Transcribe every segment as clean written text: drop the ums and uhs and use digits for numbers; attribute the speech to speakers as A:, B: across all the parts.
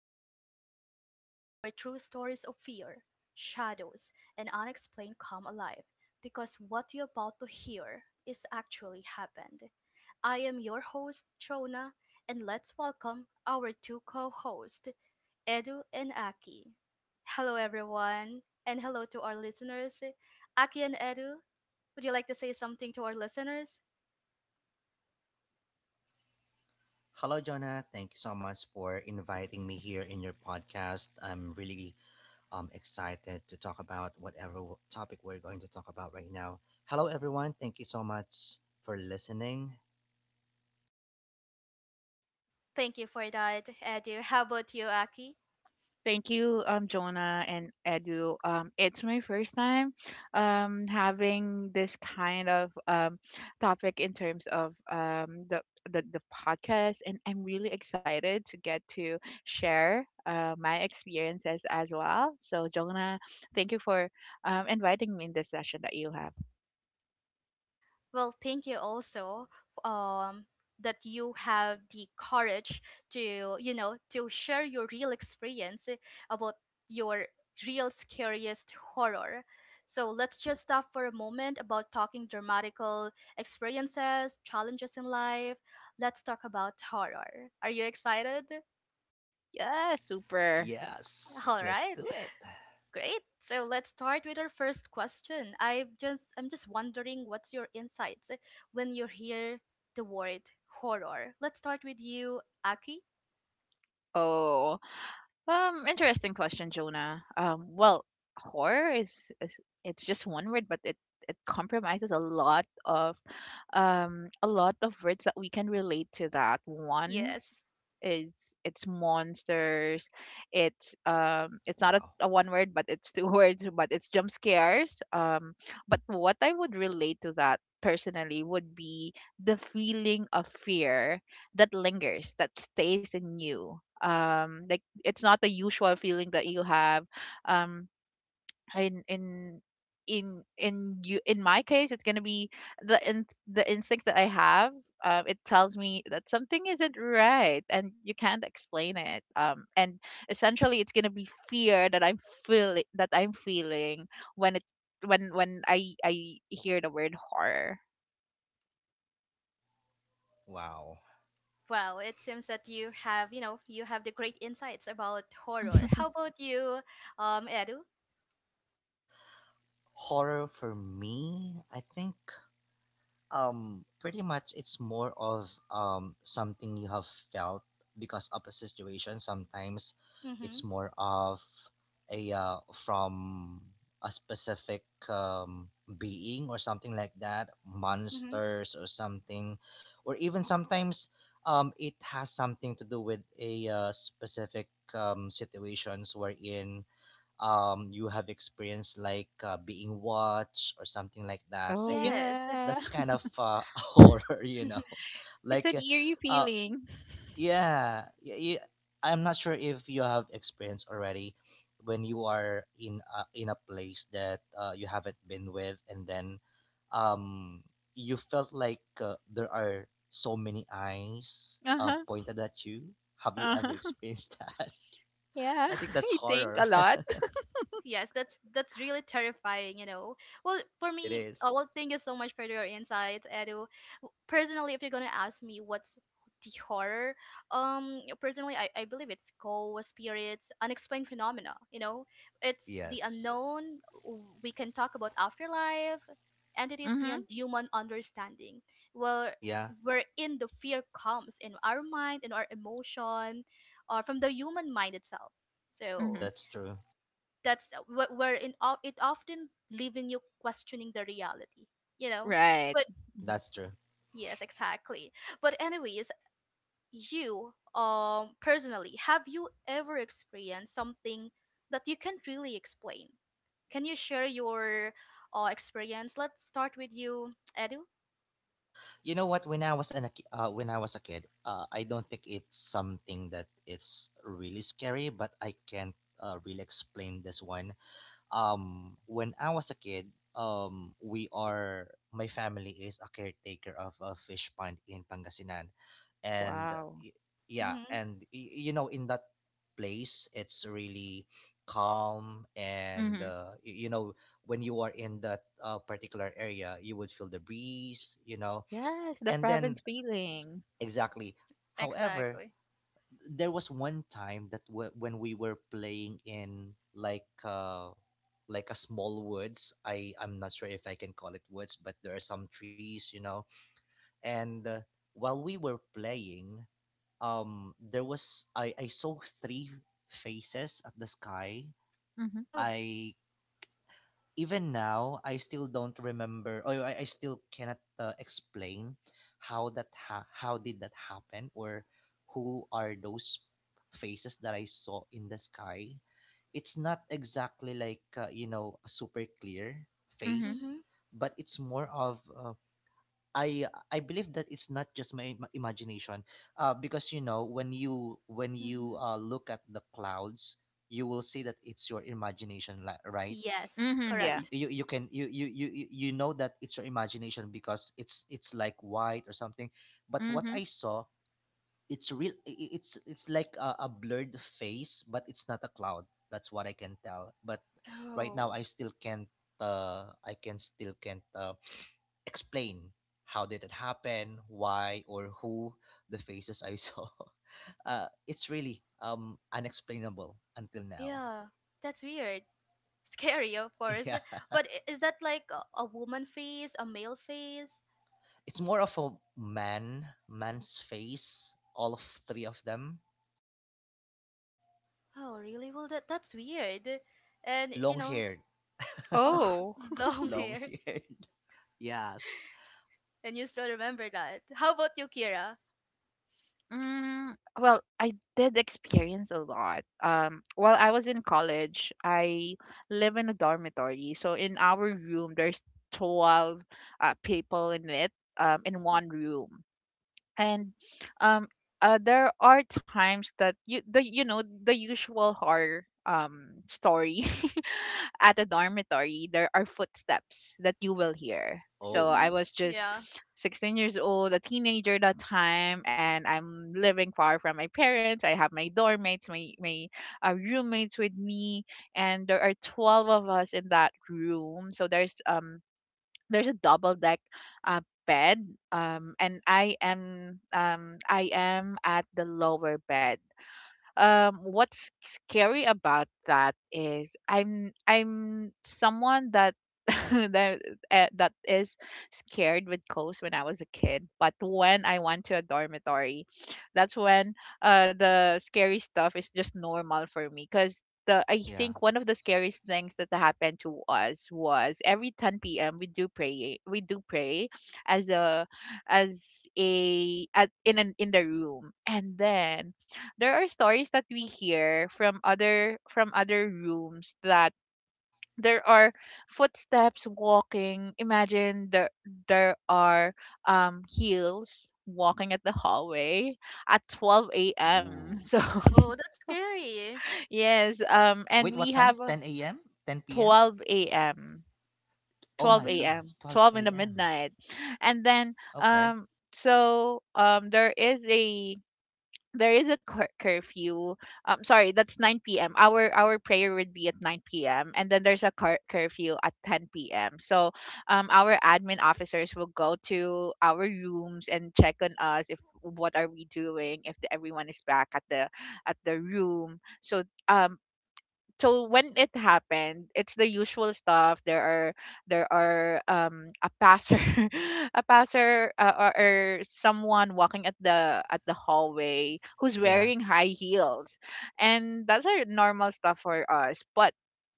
A: to our podcast, where true stories of fear, shadows, and unexplained come alive, because what you're about to hear is actually happened. I am your host, Jonah, and let's welcome our two co hosts, Edu and Aki. Hello, everyone, and hello to our listeners. Aki and Edu, would you like to say something to our listeners?
B: Hello, Jonah. Thank you so much for inviting me here in your podcast. I'm really excited to talk about whatever topic we're going to talk about right now. Hello, everyone. Thank you so much for listening.
A: Thank you for that, Edu. How about you, Aki?
C: Thank you, Jonah and Edu. It's my first time having this kind of topic in terms of the podcast, and I'm really excited to get to share my experiences as well. So, Jonah, thank you for inviting me in this session that you have.
A: Well, thank you also um, that you have the courage to, to share your real experience about your real scariest horror. So let's just stop for a moment about talking dramatical experiences, challenges in life. Let's talk about horror. Are you excited?
C: Yeah, super.
B: Yes,
A: All
B: let's
A: right.
B: do it.
A: Great. So let's start with our first question. I'm just wondering what's your insights when you hear the word horror. Let's start with you, Aki.
C: Oh. Interesting question, Jonah. Horror is it's just one word, but it compromises a lot of a lot of words that we can relate to that one.
A: Yes.
C: It's monsters. It's not a,
B: Wow.
C: a one word, but it's two words. But it's jump scares. But what I would relate to that personally would be the feeling of fear that lingers, that stays in you. Like it's not the usual feeling that you have. Um in in in in you, in my case, it's going to be the instinct that I have. It tells me that something isn't right and you can't explain it. And essentially, it's going to be fear that I'm feeling when it's when I hear the word horror.
B: Wow.
A: Wow, it seems that you have, you have the great insights about horror. How about you, Edu?
B: Horror for me, I think pretty much it's more of something you have felt because of a situation. Sometimes
A: Mm-hmm.
B: it's more of a from a specific being or something like that,
A: Mm-hmm.
B: monsters or something. Or even sometimes it has something to do with a specific situations wherein you have experienced like being watched or something like that. I
C: Oh,
B: think
A: Yes.
C: yeah.
B: that's kind of horror.
C: It's
B: Like,
C: an eerie
B: uh,
C: feeling.
B: yeah, yeah, yeah, I'm not sure if you have experience already when you are in a place that you haven't been with, and then um, you felt like there are so many eyes
C: Uh-huh.
B: pointed at you. Have you ever
C: Uh-huh.
B: experienced that?
C: Yeah.
B: I think that's
C: You think
B: horror.
C: a lot.
A: Yes, that's really terrifying, you know. Well, for
B: It
A: me,
B: is.
A: well, thank you so much for your insights, Edu. Personally, if you're gonna ask me what's the horror, personally, I believe it's ghosts, spirits, unexplained phenomena. You know, it's the
B: Yes.
A: unknown. We can talk about afterlife, entities
C: Mm-hmm.
A: beyond human understanding. Well,
B: Yeah,
A: wherein the fear comes in our mind, in our emotion, or from the human mind itself.
C: Mm-hmm.
A: So
B: that's true.
A: that's where it often leaving you questioning the reality you know
C: Right.
A: but
C: Mhm.
B: That's true.
A: yes, exactly. But anyways, you personally, have you ever experienced something that you can't really explain? Can you share your experience? Let's start with you, Edu.
B: You know what? When I was a kid. I don't think it's something that it's really scary, but I can't really explain this one. When I was a kid, we are my family is a caretaker of a fish pond in Pangasinan.
C: Oh,
B: And
C: wow.
B: yeah,
A: Mm-hmm.
B: and you know, in that place it's really calm. And
C: Mm-hmm.
B: you know, when you are in that particular area, you would feel the breeze.
C: Yes, the
B: And then,
C: province feeling.
B: exactly. However,
A: Exactly.
B: there was one time that when we were playing in, like, like a small woods. I'm not sure if I can call it woods, but there are some trees. And while we were playing, there was I saw three faces at the sky.
C: Mhm.
A: Oh.
B: I Even now, I still don't remember, or I still cannot explain how how did that happen, or who are those faces that I saw in the sky. It's not exactly like a super clear
C: Mhm.
B: face,
A: Mm-hmm.
B: but it's more of I believe that it's not just my imagination, because, you know, when you when you
A: Mm-hmm.
B: uh, look at the clouds, you will see that it's your imagination, right?
A: Yes,
C: Mhm. Yeah.
A: correct.
B: You you can you you you you you know that it's your imagination because it's like white or something. But what
C: Mhm.
B: I saw, it's real. It's like a blurred face, but it's not a cloud. That's what I can tell. But right now
A: Oh
B: I can still can't explain how did it happen, why, or who the faces I saw. It's really unexplainable until now.
A: yeah, that's weird. Scary, of course.
B: Yeah.
A: But is that like a woman face, a male face?
B: It's more of a man, man's face. All of three of them,
A: Oh, really? Well, that's weird. And
B: long haired,
A: oh,
C: Oh.
A: long
B: long
A: hair,
B: haired. Yes.
A: and you still remember that. How about you, Kira?
C: Mm, well, I did experience a lot. While I was in college, I live in a dormitory. So in our room, there's 12 people in it, in one room. And um there are times that you the you know the usual horror story, at a dormitory, there are footsteps that you will hear. So
A: Mm-hmm.
C: I
B: Oh,
C: was just
A: Yeah.
C: 16 years old, a teenager that time, and I'm living far from my parents. I have my dorm mates, my roommates with me. And there are 12 of us in that room, so there's a double deck uh, bed. And I am at the lower bed. What's scary about that is I'm someone that that is scared with ghosts when I was a kid. But when I went to a dormitory, that's when the scary stuff is just normal for me. Because the I
B: yeah.
C: think one of the scariest things that happened to us was every 10 p.m. we do pray, as a as a at, in an in the room. And then there are stories that we hear from other rooms, that there are footsteps walking. Imagine, there are heels walking at the hallway at 12 a.m.
B: Ooh.
C: So
A: Oh, that's scary.
C: yes.
B: Wait,
C: And
B: what
C: we
B: time?
C: have a.
B: 10 a.m.? 10 p.m.
C: 12 a.m.
B: Oh my
C: 12
A: Mm-hmm.
B: God,
C: a.m. 12
B: 12
C: in the
B: a.m.
C: midnight. And then
B: Okay.
C: so um there is a there is a curfew. Sorry, that's 9 p.m. Our prayer would be at 9 p.m., and then there's a curfew at 10 p.m. So, our admin officers will go to our rooms and check on us, if what are we doing, if everyone is back at the room. So, um, when it happened, it's the usual stuff. There are a passer, or someone walking at the hallway, who's
B: Yeah.
C: wearing high heels, and that's our normal stuff for us. But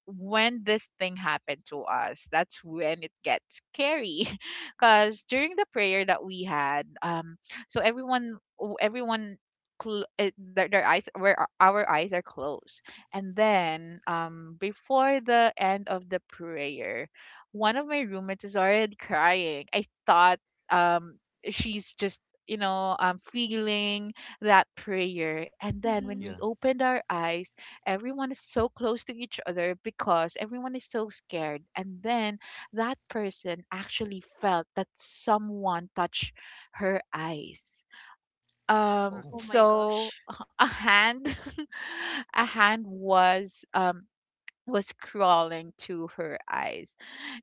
C: when this thing happened to us, that's when it gets scary, because during the prayer that we had, so everyone. Their eyes, where our eyes are closed, and then, before the end of the prayer, one of my roommates is already crying. I thought um, she's just feeling that prayer. And then when
A: Mm-hmm.
C: we
B: Yeah.
C: opened our eyes, everyone is so close to each other, because everyone is so scared. And then that person actually felt that someone touched her eyes.
B: Oh.
A: Oh my
C: So,
A: gosh.
C: a hand, a hand was crawling to her eyes,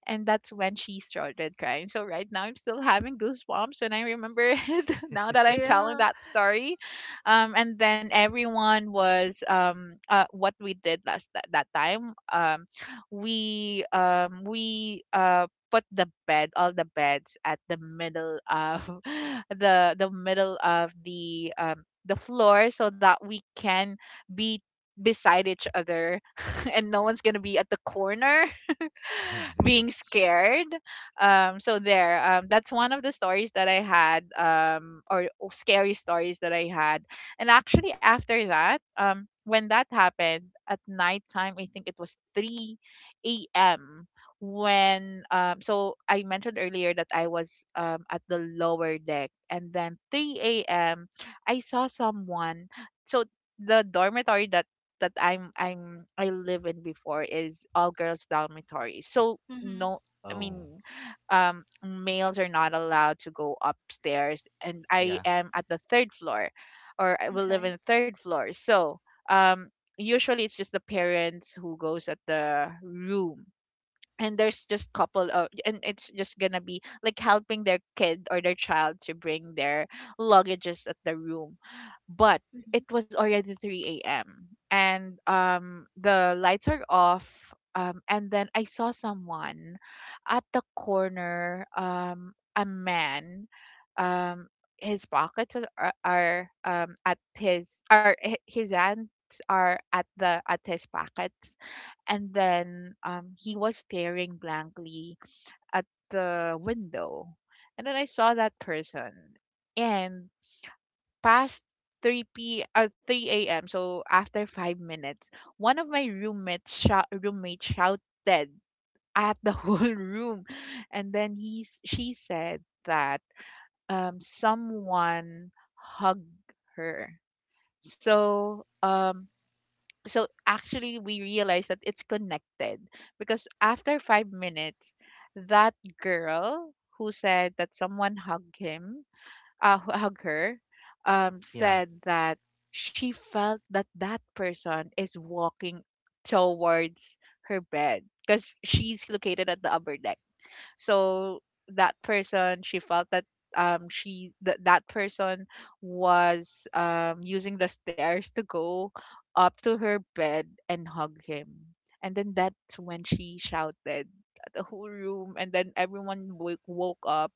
C: and that's when she started crying. So right now I'm still having goosebumps when I remember it, now that I'm telling
A: Yeah.
C: that story. And then everyone was what we did last, that time. We put the bed, all the beds, at the middle of the middle of the floor, so that we can be beside each other, and no one's gonna be at the corner, being scared. So there. That's one of the stories that I had, or scary stories that I had. And actually, after that, when that happened at nighttime, I think it was 3 a.m. When I mentioned earlier that I was at the lower deck, and then 3 a.m. I saw someone. So the dormitory that I live in before is all girls dormitory. So
A: Mm-hmm.
C: no, I
B: Oh.
C: mean, males are not allowed to go upstairs, and I
B: Yeah.
C: am at the third floor, or I will live in
A: Okay.
C: the third floor. So um usually it's just the parents who goes at the room, and there's just couple of, and it's just gonna be like helping their kid or their child to bring their luggages at the room. But it
A: Mm-hmm.
C: was already 3 a.m, and the lights are off, and then I saw someone at the corner, a man. Um his pockets are, at his are hi- his hands are at the at his pockets, and then he was staring blankly at the window. And then I saw that person, and past 3 a.m, so after 5 minutes, one of my roommates shouted at the whole room. And then she said that someone hugged her. So actually, we realized that it's connected, because after 5 minutes, that girl who said that someone hugged him uh hu- hug her,
B: Yeah.
C: said that she felt that that person is walking towards her bed, because she's located at the upper deck. So that person, she felt that she that that person was using the stairs to go up to her bed and hug him. And then that's when she shouted at the whole room, and then everyone woke up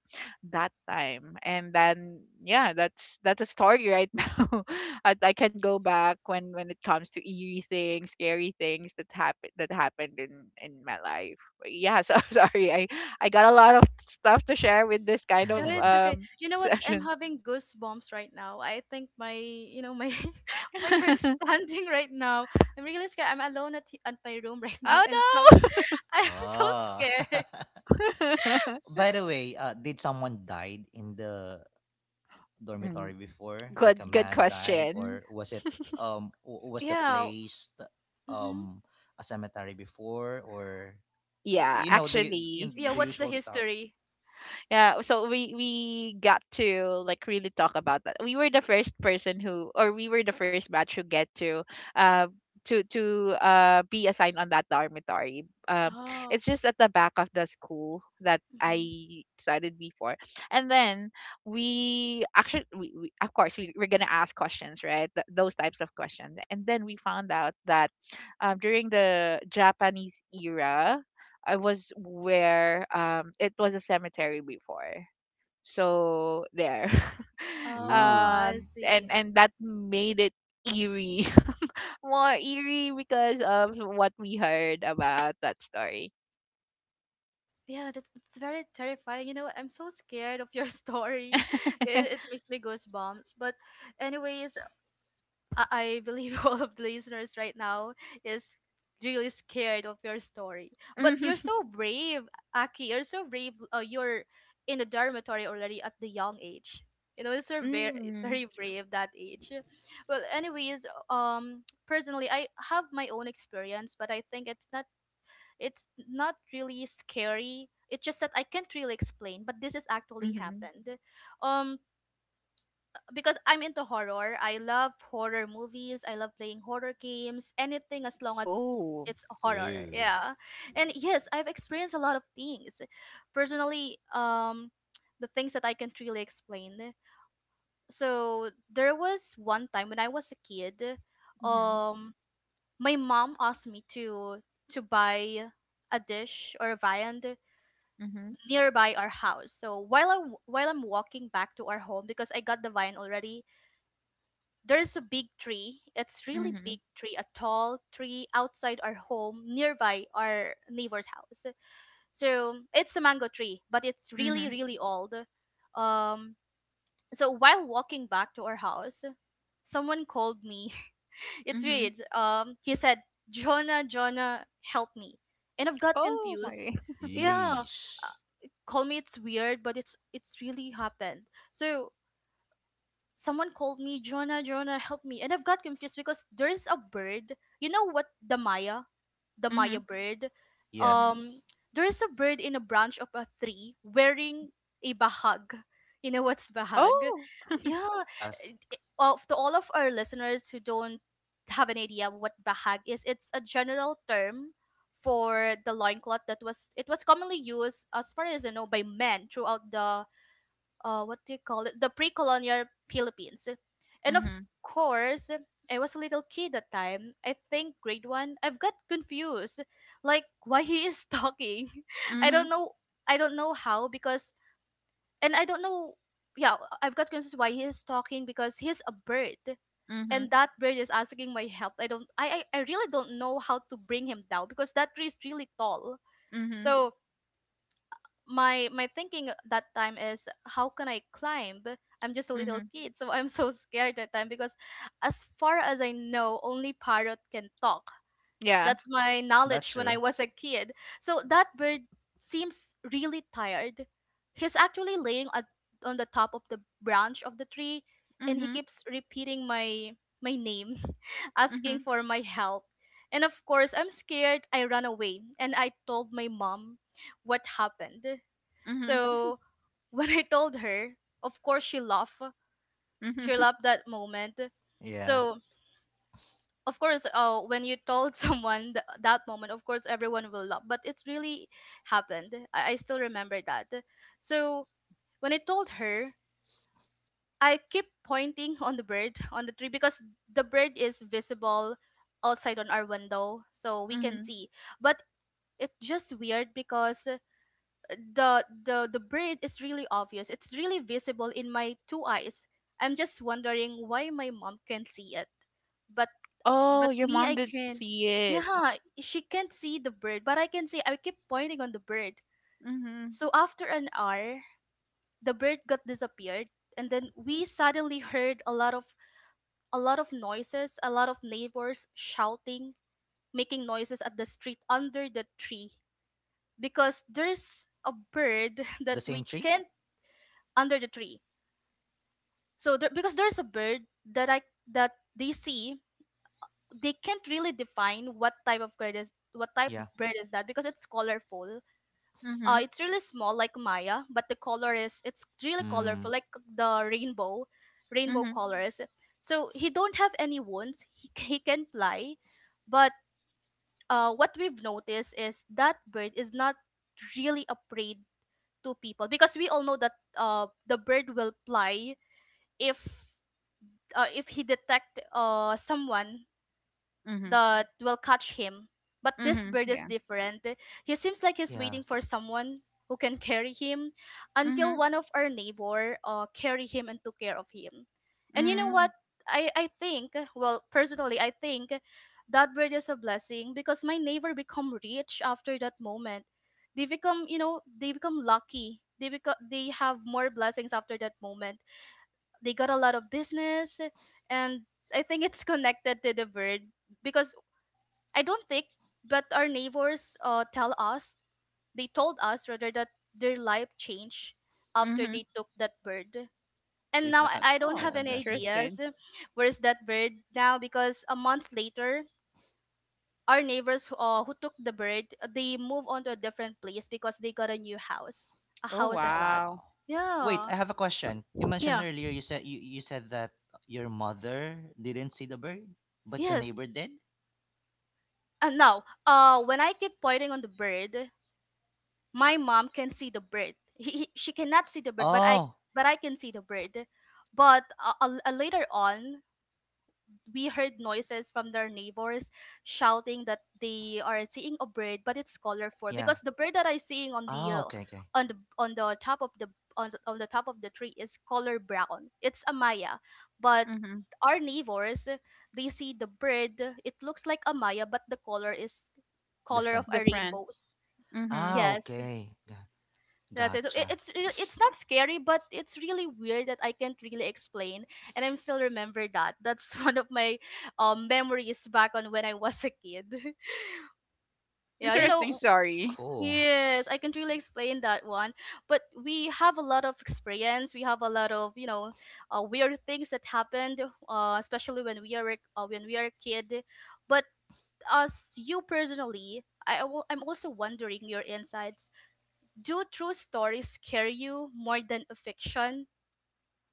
C: that time. And then, yeah, that's a story right now. I can go back when it comes to eerie things, scary things, that happened in my life. But yeah, so sorry, I got a lot of stuff to share with this kind of
A: Yeah, it's okay. You know what? I'm
C: session.
A: having goosebumps right now. I think my my hair is standing right now. I'm really scared. I'm alone at my room right now, and I'm so
C: Oh,
A: I'm so
B: Ah.
A: scared.
C: no.
B: By the way, did someone died in the
C: Mm,
B: dormitory before? Like a
C: good
B: man died,
C: question.
B: or was it was the
A: Yeah.
B: place
A: Mm-hmm.
B: um a cemetery before, or
C: Yeah,
B: you know
C: actually,
A: Yeah.
B: the
A: What's the
B: usual stuff?
A: history?
C: yeah, so we got to like really talk about that. We were the first person, who, or we were the first batch who get to uh be assigned on that dormitory.
A: Oh.
C: It's just at the back of the school that I
A: Hmm.
C: studied before. And then we actually, we, of course, we're gonna ask questions, right? Those types of questions. And then we found out that during the Japanese era, I was where it was a cemetery before. So there.
A: Oh, I
B: Ooh.
A: see.
C: And that made it eerie. More eerie because of what we heard about that story.
A: Yeah, that's very terrifying. You know, I'm so scared of your story. It makes me goosebumps. But anyways, I, I believe all of the listeners right now is really scared of your story. But
C: Mhm.
A: you're so brave, Aki. You're so brave. You're in the dormitory already at the young age. You know, you're very
C: Mm.
A: very brave that age. Well, anyways, personally, I have my own experience, but I think it's not really scary. It's just that I can't really explain, but this has actually
C: Mhm.
A: happened. Um, because I'm into horror. I love horror movies. I love playing horror games. Anything as long as
C: Oh.
A: it's horror.
B: Ooh.
A: Yeah. And yes, I've experienced a lot of things. Personally, the things that I can't really explain. So there was one time when I was a kid,
C: Mhm.
A: um my mom asked me to buy a dish or a viand
C: Mhm.
A: nearby our house. So while I'm walking back to our home because I got the vine already, there's a big tree. It's really
C: Mhm.
A: big tree, a tall tree outside our home, nearby our neighbor's house. So it's a mango tree, but it's
C: Mhm.
A: really, really old. Um, so while walking back to our house, someone called me. It's weird. He said, "Jonah, Jonah, help me," and I've got
C: Oh, my.
A: confused. Yeah,
B: Yeesh.
A: uh, call me. It's weird, but it's really happened. So someone called me, "Jonah, Jonah, help me," and I've got confused because there's a bird. You know what? The Maya, the Maya bird.
C: Mhm.
A: Um,
B: Yes,
A: there is a bird in a branch of a tree wearing a bahag. You know what's bahag?
C: Oh.
A: Yeah.
B: yes,
A: Of to all of our listeners who don't have an idea what bahag is, it's a general term for the loincloth that was it was commonly used as far as I know by men throughout the what do you call it, the pre-colonial Philippines. And of course, I was a little kid that time, I think grade one. I've got confused, like why he is talking. i don't know I don't know how because and I don't know, yeah. I've got confused why he is talking because he's a bird, and
C: Mhm.
A: that bird is asking my help. I really don't know how to bring him down because that tree is really tall.
C: Mhm.
A: So my thinking at that time is, how can I climb? I'm just a little kid, so I'm so scared that time because as far as I know, only parrot can talk.
C: Yeah.
A: That's my knowledge
B: that's
A: when I
B: true.
A: was a kid. So that bird seems really tired. He's actually laying on the top of the branch of the tree, and he
C: Mhm.
A: keeps repeating my name,
C: Mhm.
A: asking for my help. And of course, I'm scared. I run away and I told my mom what happened.
C: Mhm.
A: So when I told her, of course she laughed. She
C: Mhm.
A: loved that moment.
B: Yeah,
A: So of course, when you told someone that moment, of course everyone will laugh. But it's really happened. I still remember that. So when I told her, I keep pointing on the bird on the tree because the bird is visible outside on our window, so we can
C: Mhm.
A: see. But it's just weird because the braid is really obvious. It's really visible in my two eyes. I'm just wondering why my mom can't see it. But
C: Oh,
A: but
C: your
A: me
C: mom
A: I
C: didn't
A: can.
C: see it.
A: Yeah, she can't see the bird, but I can see I keep pointing on the bird.
C: Mhm.
A: So after an hour, the bird got disappeared, and then we suddenly heard a lot of noises, a lot of neighbors shouting, making noises at the street under the tree because there's a bird
B: the
A: that
B: same
A: we
B: tree.
A: can't under the tree. So there, because there's a bird that I that they see, they can't really define what type of bird
B: Yeah.
A: is that because it's colorful.
C: Mhm.
A: It's really small like Maya, but the color is it's really
B: Hmm.
A: colorful like the rainbow, rainbow colors. So he don't have any wounds. He he can fly, but what we've noticed is that bird is not really afraid to people because we all know that the bird will fly if if he detect someone
C: Mhm.
A: that will catch him, but this bird is different. He seems like he's
B: Yeah.
A: waiting for someone who can carry him until one of our neighbor carry him and took care of him. And you
C: Mm.
A: know what? I think, well personally I think that bird is a blessing because my neighbor become rich after that moment. They become, they become lucky, they have more blessings after that moment. They got a lot of business, and I think it's connected to the bird, because I don't think, but our neighbors tell us they told us rather that their life changed after
C: Mhm.
A: they took that bird.
B: So
A: And
B: it's
A: now
B: like
A: i
B: a
A: I don't
B: it's
A: have
B: like a
A: any
B: blessing.
C: Interesting.
A: ideas where's that bird now because a month later our neighbors who took the bird, they move on to a different place because they got a new house, a
C: Oh,
A: house and lot.
C: wow.
B: Wow. Wait,
A: Yeah,
B: I have a question. You mentioned
A: yeah.
B: earlier, you said that your mother didn't see the bird, but your
A: Yes.
B: neighbor did?
A: No. When I keep pointing on the bird, my mom can see the bird. She cannot see the bird, but I
B: Oh,
A: but I can see the bird. But later on, we heard noises from their neighbors shouting that they are seeing a bird, but it's colorful
B: yeah.
A: because the bird that I seeing on the
B: Ah, okay, okay.
A: on the on the top of the on the top of the tree is color brown. It's a Maya, but
C: Mhm.
A: our neighbors, they see the bird. It looks like a Maya, but the color is color
B: Different.
A: of a
C: Different.
A: rainbows.
C: Mhm.
B: Ah,
A: Yes,
B: okay.
A: that's it. So it,
B: Gotcha.
A: it's re- it's not scary, but it's really weird that I can't really explain, and I'm still remember that. That's one of my memories back on when I was a kid. Yeah, you
C: Interesting
A: know.
B: That's
C: story.
B: cool.
A: Yes, I can't really explain that one, but we have a lot of experience. We have a lot of weird things that happened, especially when we are a kid. But as you personally, I'm also wondering your insights, do true stories scare you more than a fiction?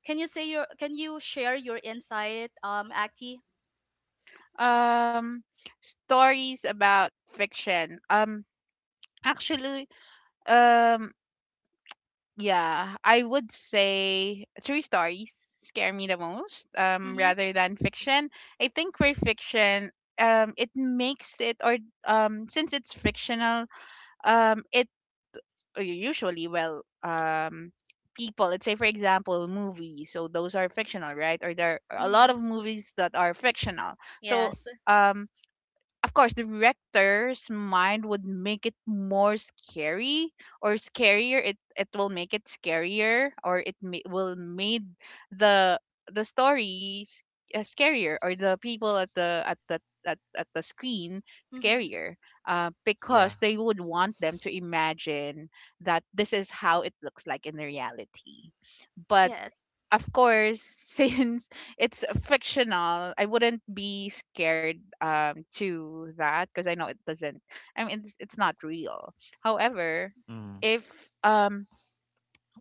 A: Can you say your Can you share your insight, Aki?
C: um Stories about fiction. Actually, um yeah, I would say true stories scare me the most,
A: Mm-hmm.
C: rather than fiction. I think for fiction, it makes it, or since it's fictional, it or usually, well, people, let's say, for example, movies, so those are fictional, right? Or there are a lot
A: Mm-hmm.
C: of movies that are fictional. So
A: Yes.
C: um of course, the rector's mind would make it more scary, or scarier. It will make it scarier, or will made the the story, scarier, or the people at the, at the screen,
A: Mm-hmm.
C: scarier.
B: Yeah.
C: Because they would want them to imagine that this is how it looks like in the reality. But
A: Yes.
C: of course, since it's fictional, I wouldn't be scared to that, because I know it doesn't. I mean, it's not real. However,
A: Mm-hmm.
B: Mm,
C: if um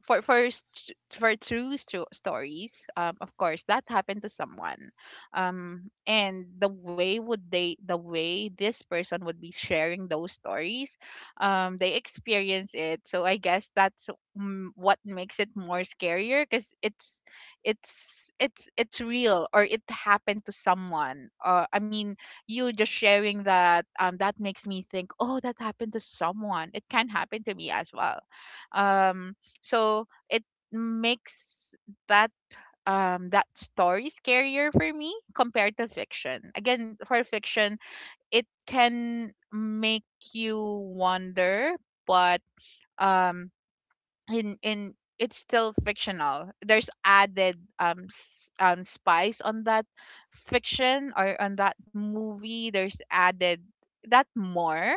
C: for true stories, of course, that happened to someone, and the way this person would be sharing those stories. They experience it, so I guess that's what makes it more scarier, because it's real, or it happened to someone. I mean, you just sharing that, that makes me think, oh, that happened to someone, it can happen to me as well. um so it makes that that story scarier for me compared to fiction. Again, for fiction, it can make you wonder, but um in it's still fictional. There's added spice on that fiction, or on that movie. There's added that more,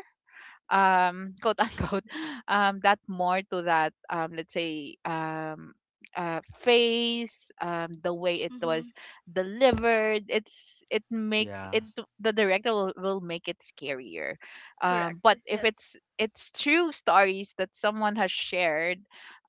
C: quote unquote, that more to that, let's say, face, the way it
A: Mm-hmm.
C: was delivered. It makes
B: yeah.
C: it, the director will make it scarier,
A: Correct.
C: but if
A: Yes.
C: it's true stories that someone has shared,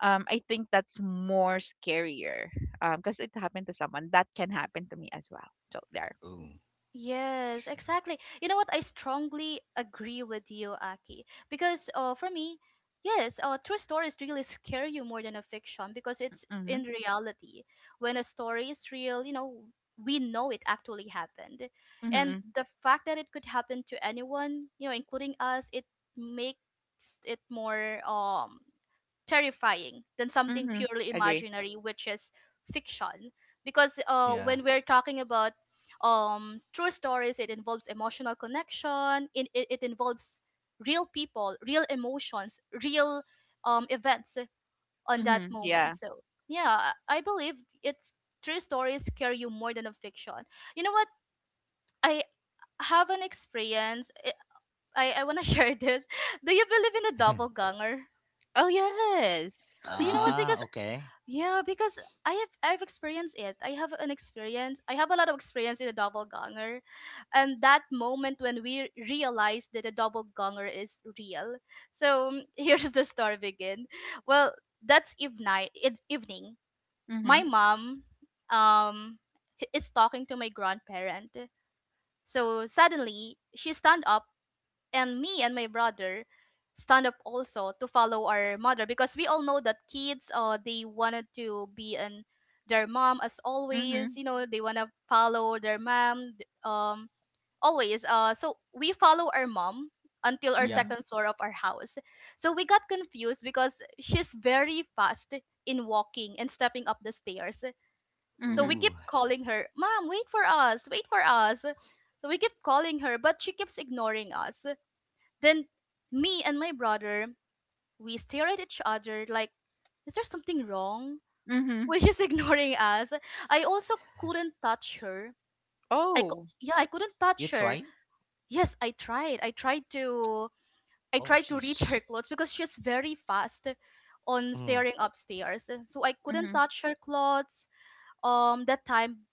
C: I think that's more scarier, because it happened to someone that can happen to me as well. So there.
B: Ooh.
A: Yes,
B: True.
A: exactly. You know what? I strongly agree with you, Aki. Because for me, yes, true stories really scare you more than a fiction because it's
C: Mm-hmm.
A: in reality. When a story is real, you know, we know it actually happened.
C: Mm-hmm.
A: And the fact that it could happen to anyone, you know, including us, it makes it more terrifying than something
C: Mm-hmm.
A: purely
C: Agree.
A: imaginary, which is fiction. Because
B: Yeah.
A: when we're talking about true stories, it involves emotional connection. It involves real people, real emotions, real events on that
C: Mm-hmm. Yeah.
A: moment. So yeah, I believe it's true stories scare you more than a fiction. You know what? I have an experience. I want to share this. Do you believe in a double ganger?
C: Oh, yes.
A: You know what,
B: Ah,
A: because
B: okay.
A: yeah, because I've experienced it. I have an experience. I have a lot of experience in a double gonger, and that moment when we realized that a double gonger is real. So mm, here's the story begin. Well, that's evening. Evening. My
C: Mhm,
A: mom, um, is talking to my grandparent. So suddenly she stand up, and me and my brother stand up also to follow our mother, because we all know that kids, uh, they wanted to be an their mom as always,
C: mhm,
A: you know, they want to follow their mom always. So we follow our mom until our
B: Yeah.
A: second floor of our house. So we got confused because she's very fast in walking and stepping up the stairs. So we
C: mhm,
A: keep
B: Ooh.
A: calling her, "Mom, wait for us, wait for us." So we keep calling her, but she keeps ignoring us. Then me and my brother, we stare at each other like, is there something wrong?
C: mhm.
A: Which is ignoring us. I also couldn't touch her.
C: Oh.
A: Yeah, I couldn't
B: You
A: touch her.
B: tried?
A: Yes, I tried. I tried to
B: Oh,
A: reach
B: sheesh.
A: her clothes because she's very fast on
B: Mm.
A: staring upstairs. So I couldn't
C: Mhm,
A: touch her clothes that time,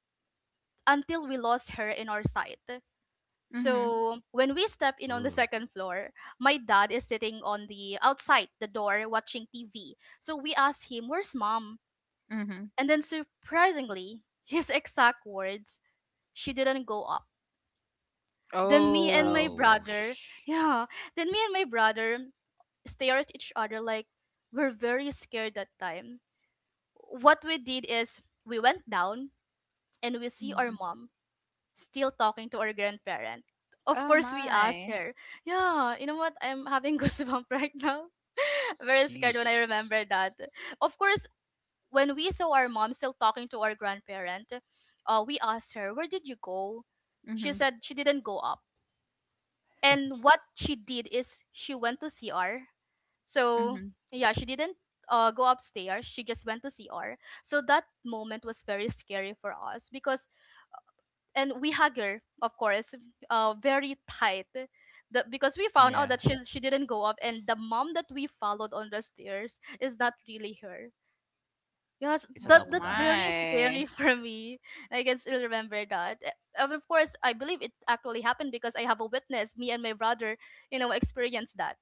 A: until we lost her in our sight.
C: mhm,
A: So when we step in on the
B: Ooh.
A: second floor, my dad is sitting on the outside the door watching TV. So we asked him, "Where's mom?"
C: mhm.
A: And then surprisingly, his exact words, "She didn't go up." Then me and
C: Oh.
A: my brother,
B: Ouch.
A: yeah, then me and my brother stare at each other like we're very scared that time. What we did is we went down and we see our
C: Mhm.
A: mom still talking to our grandparent. Of
C: Oh,
A: course, we asked
C: my.
A: her, yeah, you know what? I'm having goosebumps right now. Very scared when
B: Sheesh.
A: I remember that. Of course, when we saw our mom still talking to our grandparent, we asked her, where did you go? She
C: Mhm,
A: said she didn't go up. And what she did is she went to CR. So,
C: mhm.
A: yeah, she didn't go upstairs. She just went to CR. So that moment was very scary for us because and we hug her, of course, very tight. The, because we found out
B: Yeah.
A: that she didn't go up, and the mom that we followed on the stairs is not really her. Yes,
B: It's a
A: that
C: Oh,
A: that's
B: doppelganger.
A: very
C: my.
A: scary for me. I can still remember that. Eh, and of course, I believe it actually happened because I have a witness. Me and my brother, you know, experienced that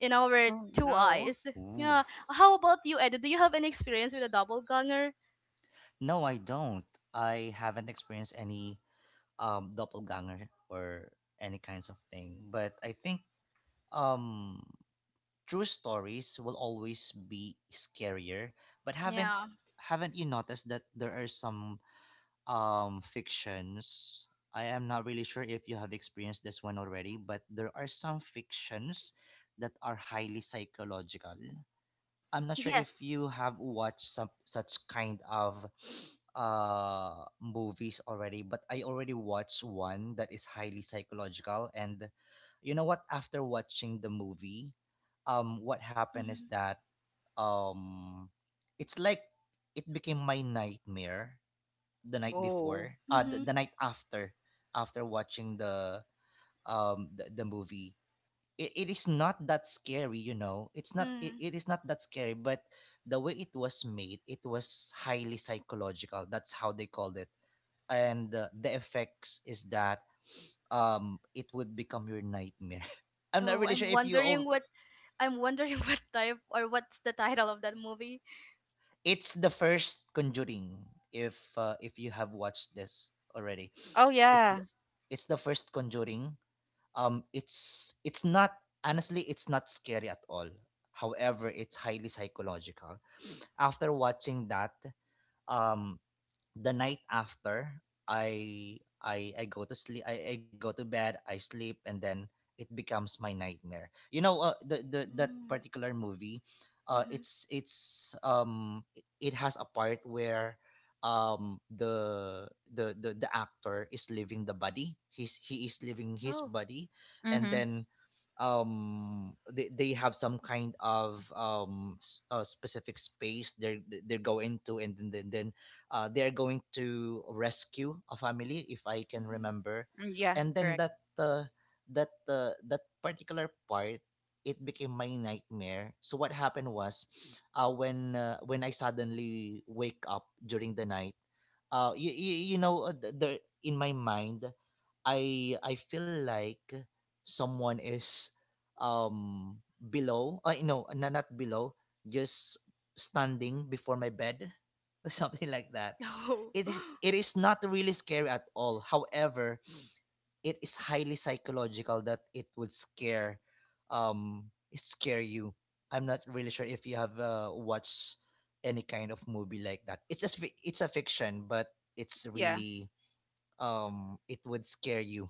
A: in our
C: Oh,
A: two
C: no.
A: eyes.
B: Ooh.
A: Yeah. How about you, Ed? Do you have any experience with a double ganger?
B: No, I don't. I haven't experienced any doppelganger or any kinds of thing. But I think um true stories will always be scarier. But haven't
A: Yeah.
B: haven't you noticed that there are some fictions? I am not really sure if you have experienced this one already, but there are some fictions that are highly psychological. I'm not sure if
A: Yes.
B: you have watched some such kind of movies already, but I already watched one that is highly psychological. And you know what, after watching the movie, what happened is
A: Mm-hmm.
B: that um it's like it became my nightmare the night
C: Oh.
B: before, the,
A: Mm-hmm.
B: the night after, after watching the movie. It is not that scary, you know it's not. it,
A: Mm.
B: it is not that scary, but the way it was made, it was highly psychological. That's how they called it. And the effects is that it would become your nightmare. I'm not
A: Oh,
B: really
A: I'm
B: sure if you
A: wondering
B: all.
A: what I'm wondering what type or what's the title of that movie.
B: It's the first Conjuring, if you have watched this already.
C: Oh,
B: It's the,
C: yeah.
B: it's the first Conjuring. It's not, honestly, it's not scary at all. However, it's highly psychological. After watching that, um, the night after, I go to sleep. I go to bed, I sleep, and then it becomes my nightmare. You know, the that
A: Mm-hmm.
B: particular movie, it has a part where um the the actor is leaving the body. He is leaving his
A: Oh.
B: body. And
C: Mhm.
B: then they have some kind of specific space they're going to. And then they are going to rescue a family, if I can remember.
C: Mm, yeah,
B: And then
C: correct.
B: that particular part, it became my nightmare. So what happened was, when I suddenly wake up during the night, there in my mind, I feel like someone is below. I No, no, not below. Just standing before my bed, something like that. It
A: Oh.
B: is it is not really scary at all. However, it is highly psychological that it would um scare you. I'm not really sure if you have watched any kind of movie like that. It's a fiction, but it's
C: Yeah.
B: really it would scare you.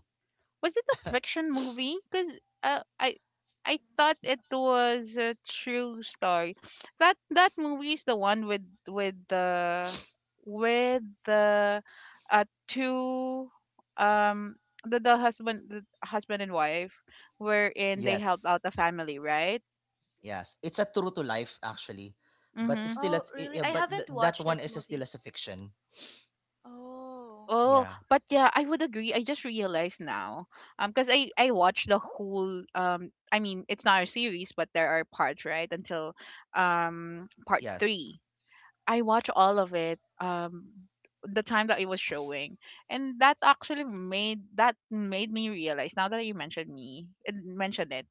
C: Was it a fiction movie? Because uh, I I thought it was a true story. That movie is the one with the two, um the husband and wife, wherein they helped
B: Yes,
C: out the family, right?
B: yes, it's a true to life, actually. But
C: Mm-hmm.
B: still,
A: Oh really?
B: yeah,
A: I
B: but
A: haven't
B: that
A: watched
B: one
A: that
B: is still
A: movie.
B: as a fiction.
A: Oh.
C: Oh,
B: Yeah.
C: but yeah, I would agree. I just realized now, because I watched the whole I mean, it's not a series, but there are parts right until part
B: Yes.
C: three. I watched all of it the time that it was showing, and that actually made that made me realize. Now that you mentioned it,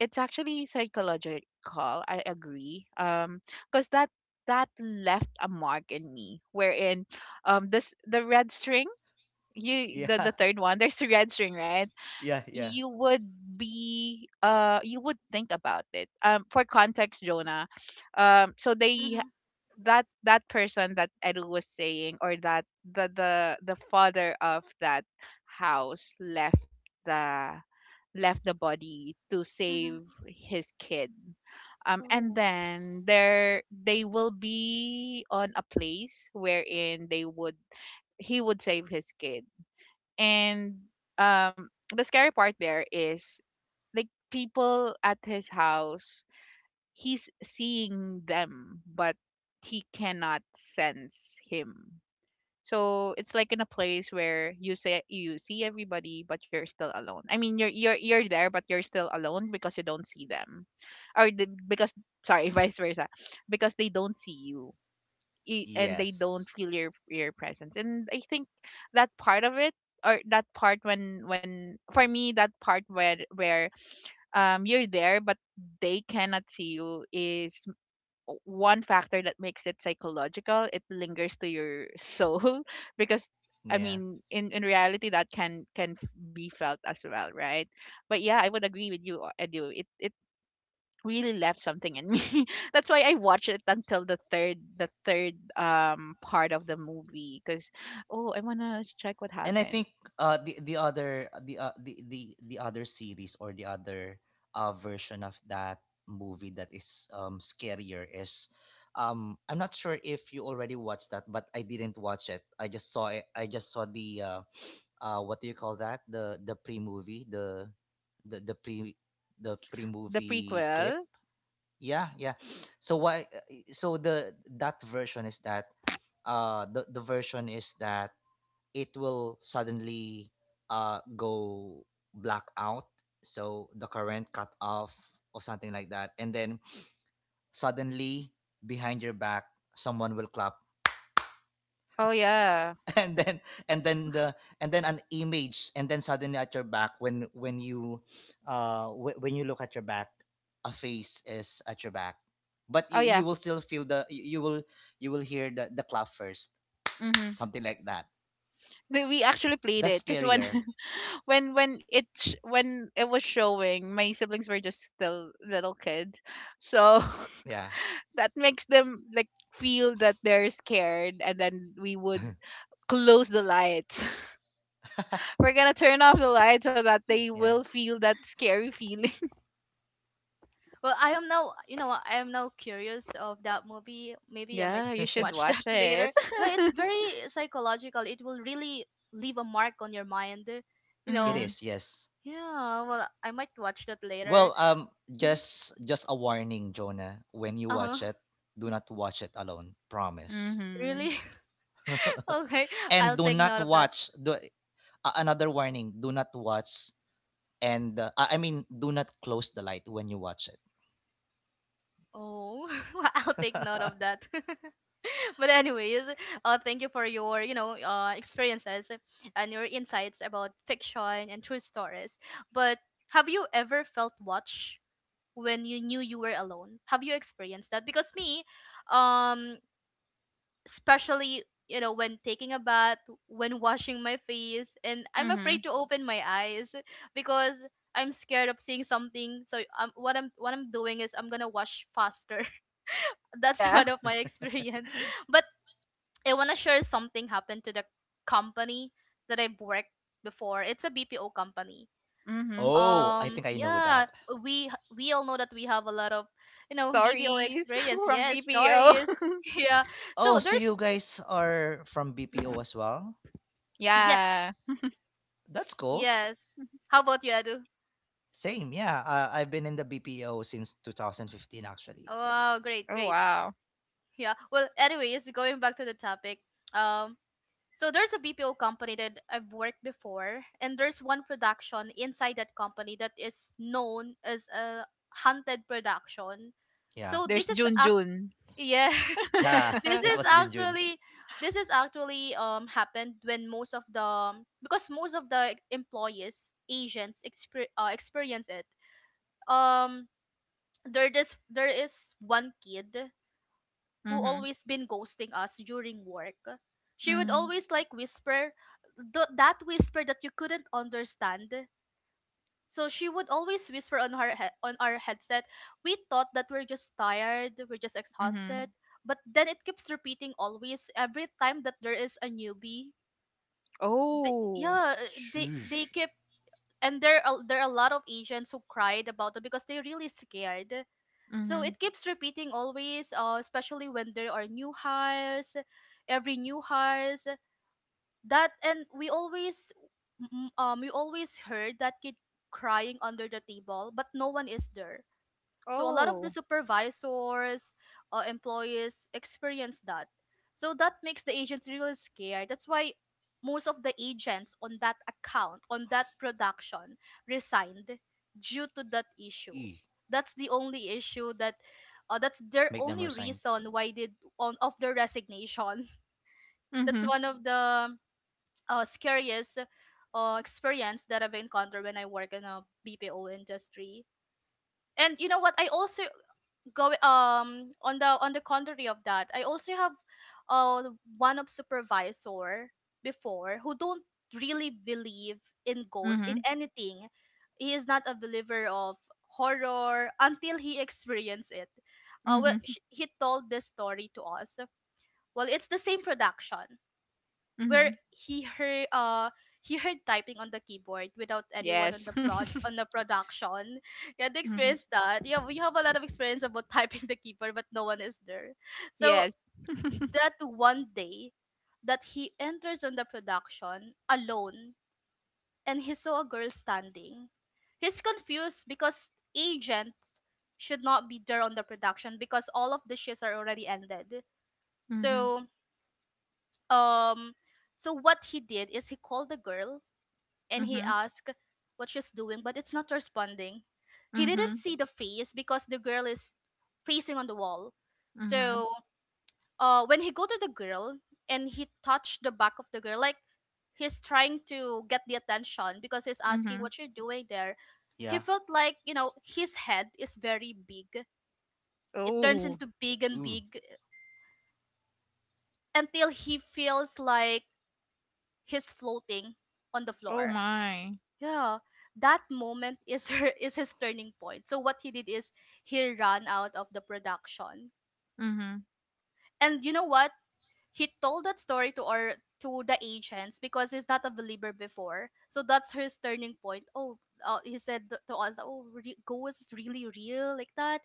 C: it's actually psychological. I agree. Because that left a mark in me, wherein this the red string, you
B: Yeah.
C: the third one, there's the red string, right?
B: yeah, yeah.
C: you would be You would think about it, for context, Jonah. So they,
A: Mm-hmm.
C: that person that Edu was saying, or that, the father of that house, the left the body to
A: Mm-hmm.
C: save his kid, and
A: Oh.
B: yes
C: then there, they will be on a place wherein they would, he would save his kid, and um, the scary part there is, like, people at his house, he's seeing them, but he cannot sense him. So it's like in a place where you say you see everybody, but you're still alone. I mean, you're there, but you're still alone because you don't see them, or the, because sorry, vice versa, because they don't see you. And they don't
B: yes
C: feel your presence, and I think that part of it, or that part when for me, that part where you're there but they cannot see you, is one factor that makes it psychological. It lingers to your soul, because I
B: Yeah.
C: mean, in reality, that can be felt as well, right? But yeah, I would agree with you, Edu, it really left something in me. That's why I watched it until the third part of the movie, cuz oh, I want to check what
B: And I
C: happened.
B: think the other series, or the other version of that movie that is scarier is. I'm not sure if you already watched that, but I didn't watch it. I just saw the what do you call that? The pre-movie, the pre the
C: The
B: pre-movie clip.
C: prequel?
B: Yeah, yeah. So why, so the that version is that, the version is that, it will suddenly go blackout. So the current cut off, or something like that. And then suddenly, behind your back, someone will clap.
C: Oh, yeah.
B: And then and then an image, and then suddenly at your back, when you, when you look at your back, a face is at your back. But
C: Oh,
B: you,
C: yeah.
B: you will still feel you will hear the clap first,
C: Mhm.
B: something like that.
C: We actually played
B: That's
C: it, cuz when
B: scarier.
C: when it was showing, my siblings were just still little kids. So,
B: Yeah.
C: that makes them, like, feel that they're scared, and then we would close the lights. We're gonna turn off the light so that they
B: Yeah.
C: will feel that scary feeling.
A: Well, I am now. You know what, I am now curious of that movie. Maybe I might
C: Yeah, you should
A: watch
C: watch
A: that
C: it.
A: later. No, it's very psychological. It will really leave a mark on your mind. You
B: It
C: Mm-hmm.
A: know.
B: is, yes.
A: Yeah. Well, I might watch that later.
B: Well, just a warning, Jonah. When you
A: Uh huh.
B: watch it, do not watch it alone. Promise.
C: Mm-hmm.
A: Really? Okay.
B: And
A: I'll
B: do
A: take
B: not
A: note of that.
B: watch. Another warning: do not watch. And I mean, do not close the light when you watch it.
A: Oh, I'll take note of that. But anyways, thank you for your, you know, experiences and your insights about fiction and true stories. But have you ever felt watched when you knew you were alone? Have you experienced that? Because me, um, especially, you know, when taking a bath, when washing my face, and I'm afraid to open my eyes because I'm scared of seeing something. So what I'm doing is I'm gonna wash faster. That's
C: Yeah.
A: one of my experience. But I want to share something happened to the company that I've worked before. It's a BPO company.
C: Mm-hmm.
B: Oh, I think I know
A: Yeah,
B: that.
A: we all know that we have a lot of, you know, BPO
C: Stories
A: experience.
C: from
A: Yes,
C: BPO.
A: stories. Yeah.
B: Oh,
A: So
B: so you
A: there's
B: guys are from
A: mhm,
B: BPO as well?
A: yes,
C: Yeah.
B: That's cool.
A: yes. How about you, Adu?
B: Same, yeah. I've been in the BPO since 2015, actually.
A: Wow, great,
C: Oh,
A: great.
C: wow.
A: Yeah. Well, anyways, going back to the topic. Um So there's a BPO company that I've worked before, and there's one production inside that company that is known as a haunted production.
B: Yeah,
A: So
C: There's
A: this is
C: Jun Jun.
A: yeah,
B: yeah.
A: this
B: It
A: is
B: was Junjun.
A: actually happened when most of the because most of the employees agents experience it. Um, there this there is one kid who
C: Mhm.
A: always been ghosting us during work. She would
C: Mm-
A: always like whisper that whisper that you couldn't understand. So she would always whisper on on our headset. We thought that we're just tired, we're just
C: Mhm.
A: exhausted, but then it keeps repeating always every time that there is a newbie. They,
C: Oh.
A: yeah, they
B: Sheesh.
A: they keep and there are a lot of Asians who cried about it because they're really scared. So
C: Mhm.
A: it keeps repeating always, especially when there are new hires, every new hires that, and we always, we always heard that kid crying under the table, but no one is there. So a lot of the
C: Oh.
A: supervisors, employees experience that. So that makes the agents really scared. That's why most of the agents on that account, on that production, resigned due to that issue.
B: E.
A: That's the only issue that, that's their
B: Make them
A: only
B: resign.
A: reason why they on of their resignation. That's
C: Mhm.
A: one of the scariest experience that I've encountered when I work in a BPO industry. And you know what? I also go on the contrary of that, I also have uh one of supervisor before who don't really believe in ghosts in
C: Mhm.
A: anything. He is not a believer of horror until he experienced it. Well,
C: Mhm.
A: he told this story to us. Well, it's the same production where
C: Mhm.
A: he heard typing on the keyboard without anyone on
C: Yes.
A: the prod on the production. Yeah, they
C: Mm.
A: experienced that. Yeah, we have a lot of experience about typing the keyboard, but no one is there. So
C: Yes.
A: that one day that he enters on the production alone, and he saw a girl standing. He's confused because agents should not be there on the production because all of the shifts are already ended.
C: Mhm.
A: So um so what he did is he called the girl and he asked what she's doing, but it's not responding. He didn't
C: Mhm.
A: see the face because the girl is facing on the wall. So
C: Mhm.
A: when he go to the girl and he touched the back of the girl, like he's trying to get the attention because he's asking
C: Mhm.
A: what you're doing there.
B: Yeah.
A: He felt like, you know, his head is very big. It turns
C: Oh.
A: into big and
B: Ooh.
A: big until he feels like he's floating on the
C: Oh,
A: floor.
C: my.
A: Yeah, that moment is her is his turning point. So what he did is he ran out of the production.
C: Mhm.
A: And you know what? He told that story to our to the ancients because he's not a believer before. So that's his turning point. Oh, he said to us, "Oh, re- ghost is really real like that,"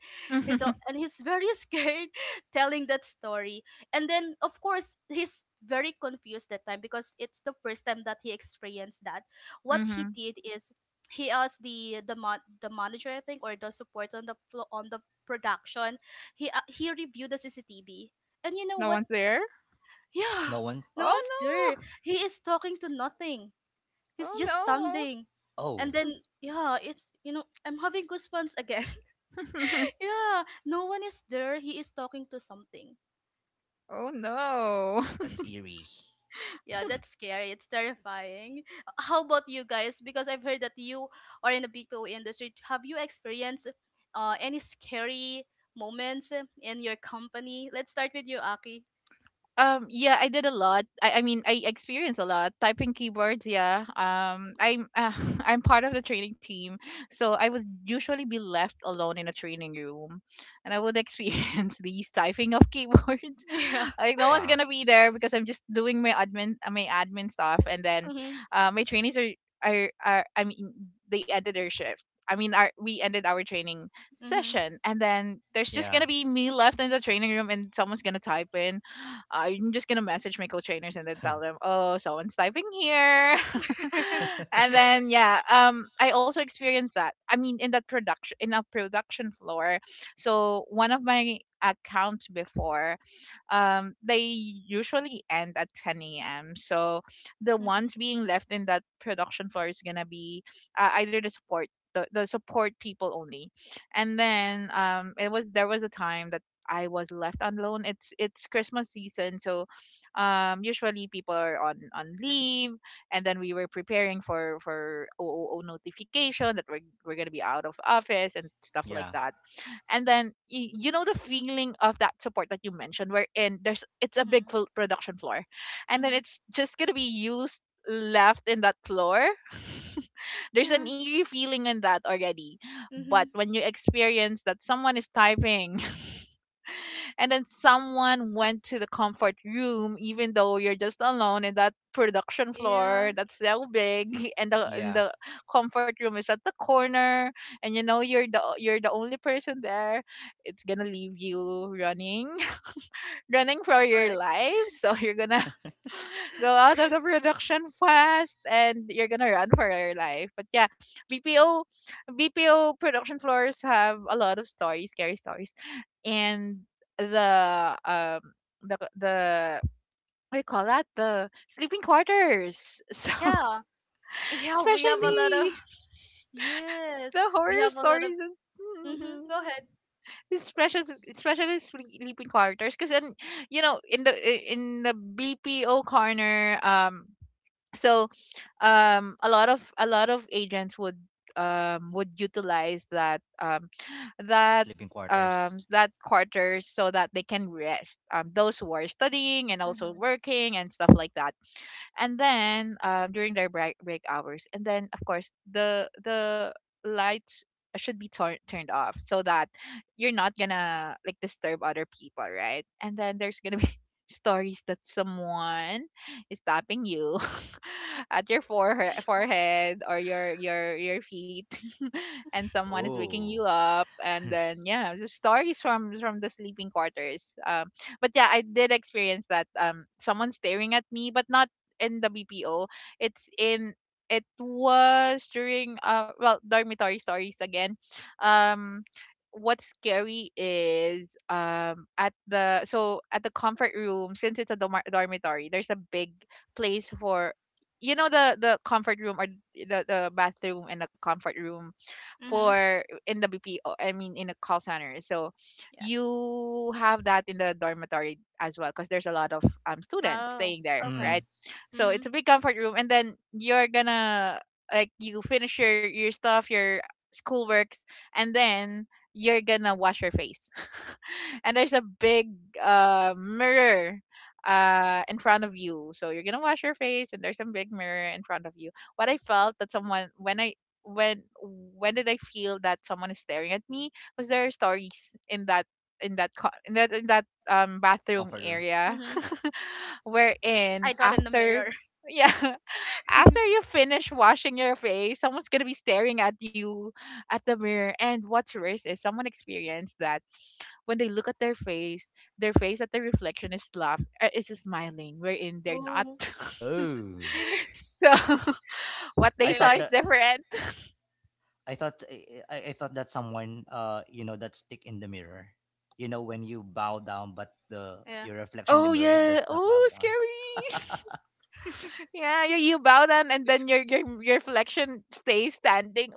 A: you know, and he's very scared telling that story. And then, of course, he's very confused that time because it's the first time that he experienced that. What he
C: Mhm.
A: did is he asked the the manager, I think, or the support on on the production. He reviewed the CCTV. And you know
C: No
A: what?
C: one's there?
B: No
A: Yeah,
B: one.
A: no
C: Oh,
A: one's there.
C: no!
A: He is talking to nothing. He's just
C: Oh,
A: standing.
B: Oh,
A: And then, yeah, it's, you know, I'm having goosebumps again.
C: no!
A: Yeah, no one is there. He is talking to something.
C: Oh, no!
B: that's eerie.
A: Yeah, that's scary. It's terrifying. How about you guys? Because I've heard that you are in the BPO industry. Have you experienced any scary moments in your company? Let's start with you, Aki.
C: Yeah, I did a lot. I mean, I experienced a lot typing keyboards. Yeah. I'm I'm part of the training team, so I would usually be left alone in a training room, and I would experience these typing of keyboards.
A: Yeah.
C: Like no one's
B: Wow.
C: gonna be there because I'm just doing my admin stuff, and then
A: Mm-hmm.
C: my trainees are I mean, they ended their shift. I mean, our, we ended our training
A: Mm-hmm.
C: session, and then there's just
B: Yeah.
C: gonna be me left in the training room, and someone's gonna type in. I'm just gonna message my co-trainers and then tell them, "Oh, someone's typing here." And then, yeah, I also experienced that. I mean, in a production floor. So one of my accounts before, they usually end at 10 a.m., so the ones
A: Mm-hmm.
C: being left in that production floor is gonna be, either the support, the support people only. And then it was there was a time that I was left alone. It's Christmas season, so usually people are on leave, and then we were preparing for OOO notification that we're gonna be out of office and stuff like
B: Yeah.
C: that. And then you know the feeling of that support that you mentioned, where in there's it's a big
A: Mm-hmm.
C: full production floor, and then
A: Mm-hmm.
C: it's just gonna be used, left in that floor. There's an
A: Yeah.
C: eerie feeling in that already, but
A: Mm-hmm.
C: when you experience that someone is typing, and then someone went to the comfort room even though you're just alone in that production
A: Yeah.
C: floor that's so big, and
B: Yeah.
C: the comfort room is at the corner, and you know, you're the only person there, it's gonna leave you running, running for
A: Yeah,
C: your
A: correct.
C: life. So you're gonna go out of the production fast, and you're gonna run for your life. But yeah, bpo BPO production floors have a lot of stories, scary stories, and the um the what do you call that, the sleeping quarters, so
A: Yeah. Yeah, we have a
B: Sleep.
A: lot of
C: especially
A: yes.
C: the
A: We
C: horror
A: have a lot
C: stories,
A: of mm-hmm. Go
C: Mhm.
A: ahead.
C: especially Especially sleeping quarters, because in you know, in the BPO corner. So, a lot of agents would, utilize that
B: Sleeping quarters.
C: that quarters so that they can rest, those who are studying and also working and stuff like that. And then, during their break hours, and then, of course, the lights should be turned off so that you're not gonna, like, disturb other people, right? And then there's gonna be stories that someone is tapping you, at your forehead or your feet, and someone is waking you
B: Oh.
C: up. And then, yeah, the stories from the sleeping quarters. But yeah, I did experience that, someone staring at me, but not in the BPO. it's in it was during, well, dormitory stories again. um what's scary is, at the comfort room, since it's a dormitory. There's a big place for, you know, the comfort room, or the bathroom and the comfort room,
A: Mm-hmm.
C: for in the BPO, I mean, in a call center. So
A: Yes.
C: you have that in the dormitory as well, because there's a lot of students
A: Oh,
C: staying there,
A: okay.
B: Mm.
C: right? So
A: Mm-hmm.
C: it's a big comfort room, and then you're gonna, like, you finish your stuff, your schoolworks, and then you're gonna wash your face, and there's a big mirror in front of you. So you're gonna wash your face, and there's a big mirror in front of you. What i felt that someone when i when when did I feel that someone is staring at me? Because there are stories in that, in that bathroom
B: Comfort room.
C: area,
A: Mm-hmm.
C: wherein
A: I thought in the
C: after
A: mirror.
C: yeah, after you finish washing your face, someone's gonna be staring at you at the mirror. And what's worse is someone experienced that when they look at their face at the reflection is laugh is smiling, wherein they're not.
A: Oh,
B: Oh.
A: really
C: So what
B: I
C: they saw
B: thought
C: is
A: scary.
B: that.
C: different.
B: I thought I thought that someone, you know, that stick in the mirror, you know, when you bow down but the
A: Yeah.
B: your reflection in the
C: Oh,
B: mirror
C: yeah.
B: does not bow
C: Oh,
B: down.
C: scary. Yeah, you bow down, and then your reflection stays standing.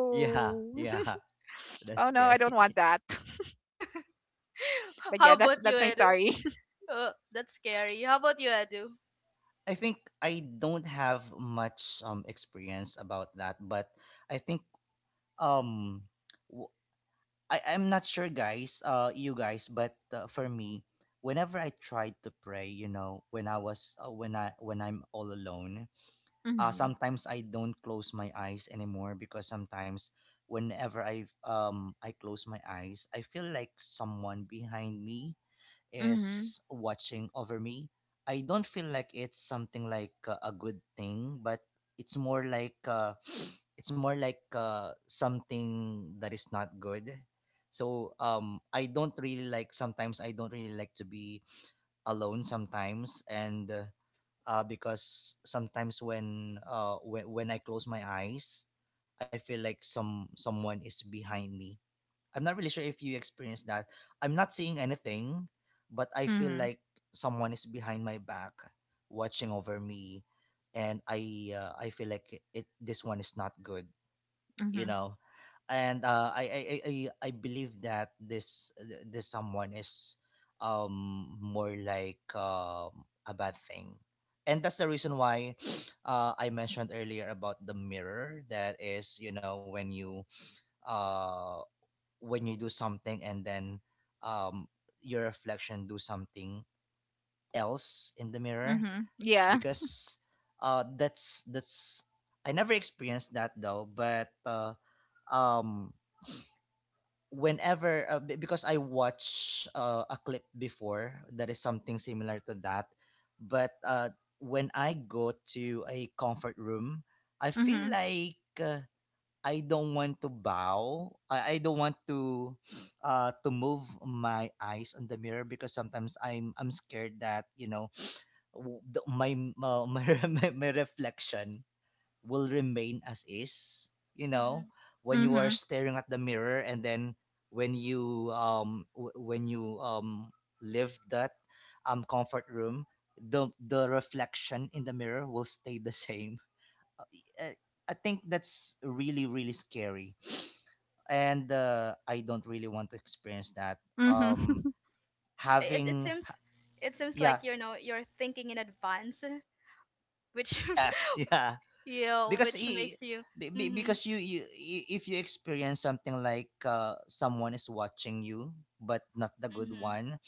B: Yeah, yeah, that's
C: Oh, no,
B: scary.
C: I don't want that. But
A: How
C: yeah,
A: about you,
C: I'm
A: Edu?
C: sorry.
A: Oh, that's scary. How about you, Edu?
B: I think I don't have much experience about that, but I think um w- I'm not sure, guys, you guys, but for me, whenever I tried to pray, you know, when I was when I when I'm all alone,
C: Mhm.
B: sometimes I don't close my eyes anymore, because sometimes whenever I close my eyes, I feel like someone behind me
C: Mhm.
B: is watching over me. I don't feel like it's something like a good thing, but it's more like it's more like something that is not good. I don't really like sometimes I don't really like to be alone sometimes, and because sometimes when I close my eyes, I feel like someone is behind me. I'm not really sure if you experienced that. I'm not seeing anything, but I feel
C: Mhm.
B: like someone is behind my back, watching over me, and I feel like it this one is not good, you
C: Mhm.
B: know. And I believe that this someone is more like a bad thing, and that's the reason why I mentioned earlier about the mirror. That is, you know, uh when you do something and then um, your reflection do something else in the mirror
C: Mhm. Yeah.
B: because that's I never experienced that though but um, whenever because I watch a clip before that is something similar to that but when I go to a comfort room I feel
C: Mhm.
B: like uh, I don't want to bow. I don't want to move my eyes on the mirror because sometimes I'm scared that, you know, w- the, my, uh, my my reflection will remain as is, you know,
A: Mm-hmm.
B: when you are
C: Mhm.
B: staring at the mirror and then when you when you leave that comfort room, the reflection in the mirror will stay the same. Uh, I I think that's really really scary and I don't really want to experience that. Um,
C: Mhm.
A: Yeah, it
B: having ha-
A: seems it seems like
B: yeah,
A: you know you're thinking in advance, which
B: yes, yeah,
A: yeah,
B: because
A: which makes you mm-hmm.
B: because if you experience something like someone is watching you but not the good
A: Mm-hmm.
B: one,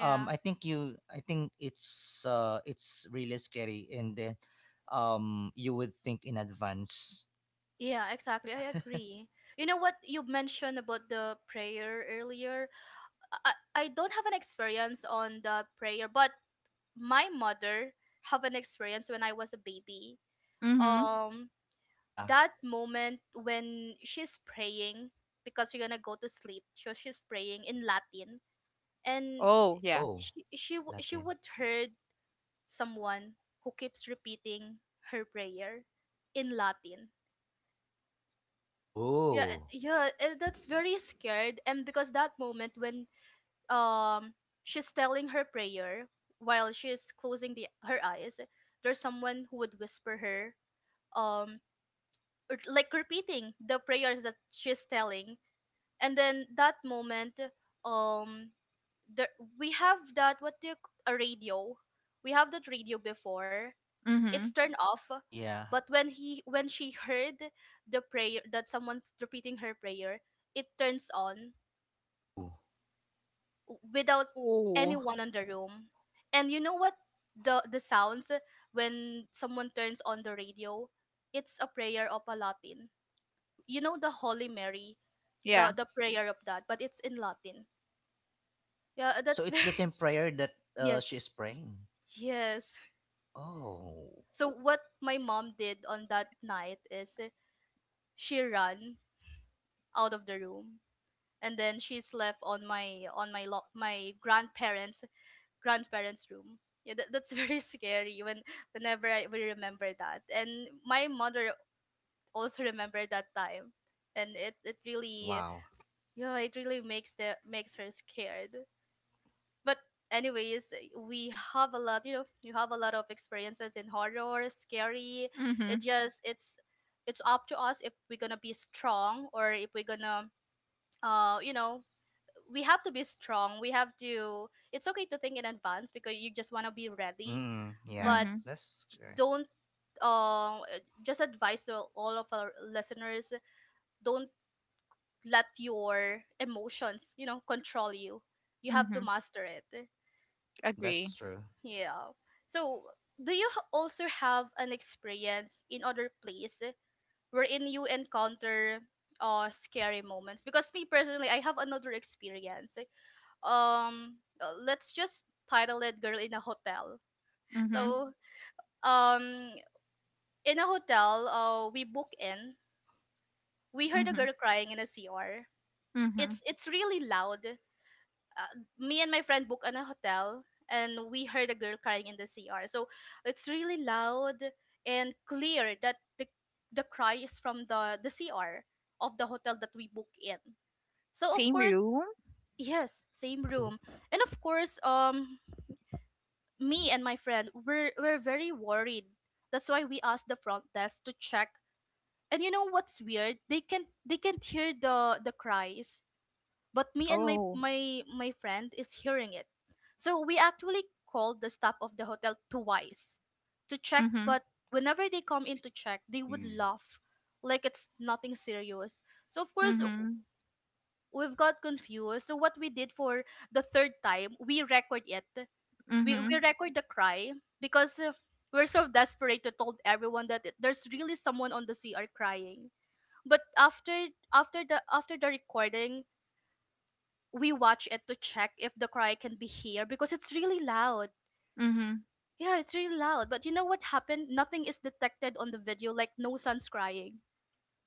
B: I think you I think it's really scary, and then you would think in advance.
A: Yeah, exactly. I agree. You know what you mentioned about the prayer earlier? I, I don't have an experience on the prayer, but my mother have an experience when I was a baby.
C: Mhm.
A: Um
B: Yeah.
A: that moment when she's praying because we're gonna go to sleep. So she's praying in Latin, and
C: Oh, yeah.
B: Oh,
A: she
B: Latin.
A: would heard someone who keeps repeating her prayer in Latin. Yeah,
B: Oh,
A: yeah, that's very scared. And because that moment when um she's telling her prayer while she's closing the her eyes, there's someone who would whisper her um or like repeating the prayers that she's telling. And then that moment, um there we have that what do you c- a radio. We have that radio before, it's
C: Mhm.
A: turned off,
B: yeah.
A: but when she heard the prayer, that someone's repeating her prayer, it turns on
B: Ooh.
A: w- without
C: Oh,
A: anyone in the room. And you know what, the sounds when someone turns on the radio, it's a prayer of a latin, you know, the holy mary,
C: yeah.
A: the prayer of that, but it's in latin. Yeah,
B: So
A: that's
B: it's the
A: very
B: same prayer that she
A: yes,
B: is praying.
A: yes.
B: Oh,
A: So what my mom did on that night is, she ran out of the room, and then she slept on my grandparents, grandparents room. Yeah, that, that's very scary. When whenever I we remember that, and my mother also remembered that time, and it really,
B: wow.
A: yeah, it really makes the makes her scared. But anyways, we have a lot, you know, you have a lot of experiences in horror scary.
C: Mhm.
A: It just it's up to us if we're gonna be strong or if we're gonna, you know, we have to be strong. We have to. It's okay to think in advance because you just want to be ready.
B: Mm, yeah,
A: But
C: Mhm.
B: that's correct.
A: don't. Um, just advise to all of our listeners: don't let your emotions, you know, control you. You have to
C: Mhm.
A: master it.
C: Agree.
B: That's true.
A: Yeah. So, do you h- also have an experience in other place wherein you encounter scary moments? Because me personally, I have another experience. Let's just title it girl in a hotel.
C: Mhm.
A: So um in a hotel, uh, we book in, we heard a girl crying in a cr.
C: Mhm.
A: It's really loud. Uh, me and my friend book in a hotel, and we heard a girl crying in the cr, so it's really loud and clear that the cry is from the cr of the hotel that we book in. So of
C: Same
A: course,
C: room?
A: yes, same room. And of course, me and my friend were very worried. That's why we asked the front desk to check. And you know what's weird? They can they can't hear the cries, but me and my
C: Oh.
A: my my friend is hearing it. So we actually called the staff of the hotel twice to check,
C: Mhm.
A: but whenever they come in to check, they would
B: Mm.
A: laugh like it's nothing serious. So of course
C: Mhm.
A: we've got confused. So what we did for the third time, we record it, we
C: Mhm.
A: record the cry, because we're so desperate to told everyone that it- there's really someone on the CR crying. But after the recording, we watch it to check if the cry can be heard because it's really loud.
C: Mhm.
A: Yeah, it's really loud. But you know what happened? Nothing is detected on the video, like no son's crying.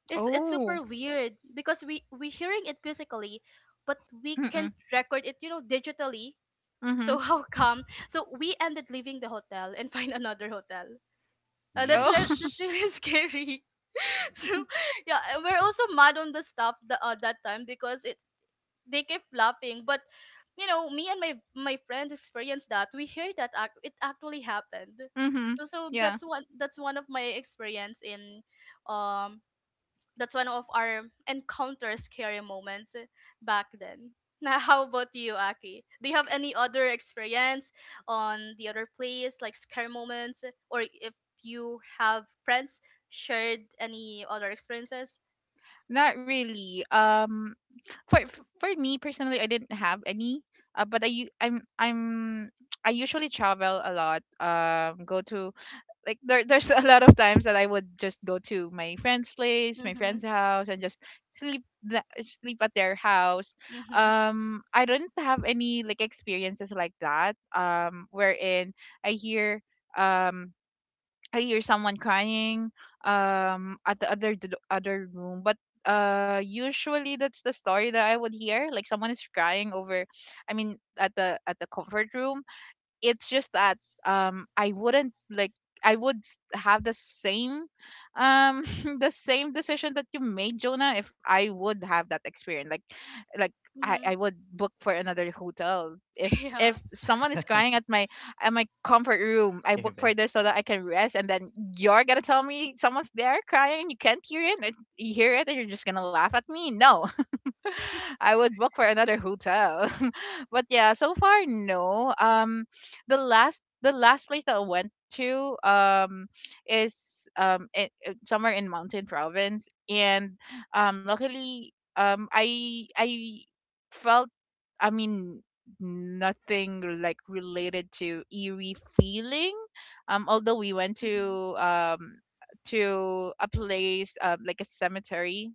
A: It's super
C: Oh.
A: weird because we hearing it physically, but we can't
C: Mm-mm,
A: record it, you know, digitally. So
C: mhm.
A: how come? So we ended leaving the hotel and find another hotel. That's re-
C: Oh,
B: Yeesh.
A: that's really scary. So yeah, and we're also mad on the staff that that time, because it, they kept laughing. But you know, me and my friends experienced that. We hear that act- it actually happened.
C: mhm.
A: So so that's
C: Yeah,
A: one, that's one of my experience in um that's one of our encounter scary moments back then. Now, how about you, Aki? Do you have any other experience on the other place, like scary moments, or if you have friends shared any other experiences?
C: not really. For me personally, I didn't have any. But I'm I usually travel a lot. Go to, like, there's a lot of times that I would just go to my friend's place, my
A: Mhm.
C: friend's house, and just sleep at their house.
A: Mhm.
C: I don't have any, like, experiences like that. Wherein I hear um I hear someone crying at the other room. But usually that's the story that I would hear, like someone is crying over I mean at the comfort room. It's just that I wouldn't like, I would have the same um the same decision that you made, Jonah, if I would have that experience, like like
A: Mhm.
C: I would book for another hotel. if
A: Yeah.
C: if someone is crying at my comfort room, I
B: Here,
C: book for
B: Ben.
C: this so that I can rest. And then you're gonna tell me someone's there crying and you can't hear it, and you hear it, and you're just gonna laugh at me? No. I would book for another hotel. But yeah, so far, no. The last the last place that I went to is somewhere in Mountain Province. And luckily I felt, I mean, nothing like related to eerie feeling. Although we went
A: Mhm.
C: to a place, like a cemetery,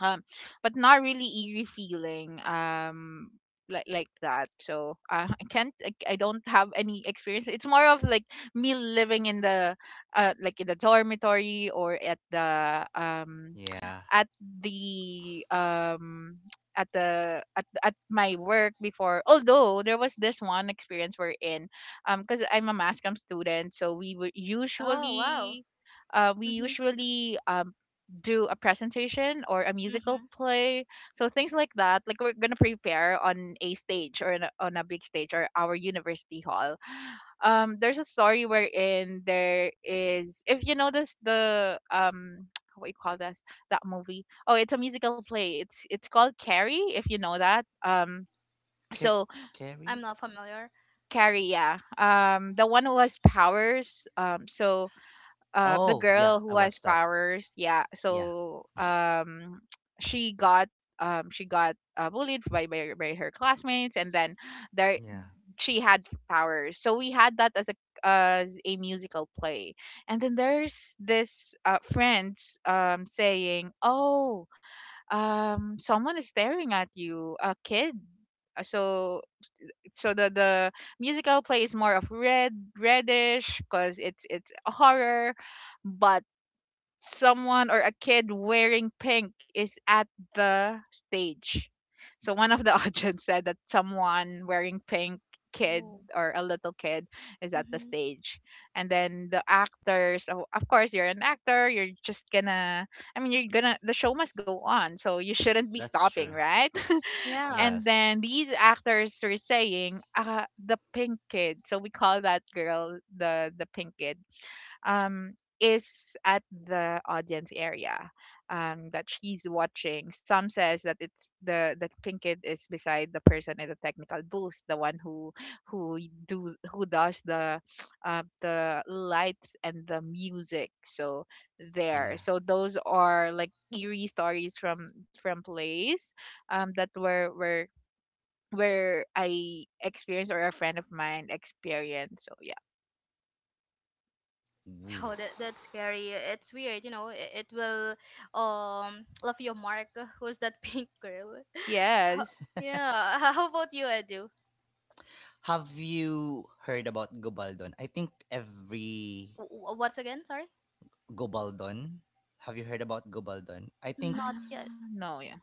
C: um but not really eerie feeling, like that. So I can't, I don't have any experience. It's more of like me living in the like in the dormitory, or
B: Yeah.
C: at the at the at my work before. Although there was this one experience, we're in because I'm a mass comm student, so we would
A: Oh wow.
C: usually we
A: Mhm.
C: usually do a presentation or a musical
A: Mhm.
C: play. So things like that, like we're gonna prepare on a stage, or in a, on a big stage, or our university hall. There's a story wherein there is, if you notice the what you call this, that movie, oh, it's a musical play. It's called Carrie, if you know that. um
B: Ca-
C: so
B: Carrie?
A: I'm not familiar.
C: Carrie, yeah, the one who has powers. The
B: Oh, yeah,
C: girl
B: I
C: who
B: watched
C: has
B: that.
C: powers, yeah.
B: Yeah,
C: So she got bullied by her classmates, and then there
B: yeah,
C: she had powers. So we had that as a musical play. And then there's this friends saying, "Oh, someone is staring at you, a kid." Uh, So so the musical play is more of reddish, cuz it's a horror. But someone or a kid wearing pink is at the stage. So one of the audience said that someone wearing pink, kid,
A: Oh.
C: or a little kid is at the
A: Mhm.
C: stage. And then the actors, of course you're an actor, you're just gonna, I mean, you're gonna, the show must go on, so you shouldn't be
B: that's
C: stopping,
B: true.
C: right?
A: Yeah.
C: And
B: Yes,
C: then these actors were saying the pink kid, so we call that girl the pink kid, is at the audience area, that she's watching. Some says that it's the Pinkid is beside the person in the technical booth, the one who do who does the lights and the music. So there,
B: yeah.
C: so those are like eerie stories from plays, that were where I experienced, or a friend of mine experienced. So yeah,
A: Oh,
B: Woof.
A: that, that's scary. It's weird, you know. It will love your mark. Who's that pink girl?
C: yes.
A: Yeah. h- How about you, Edu?
B: Have you heard about Gobaldon? I think every
A: W- w- What's again? Sorry.
B: Gobaldon. Have you heard about Gobaldon? I think
A: Not
C: Ah,
A: yet.
C: no, yeah.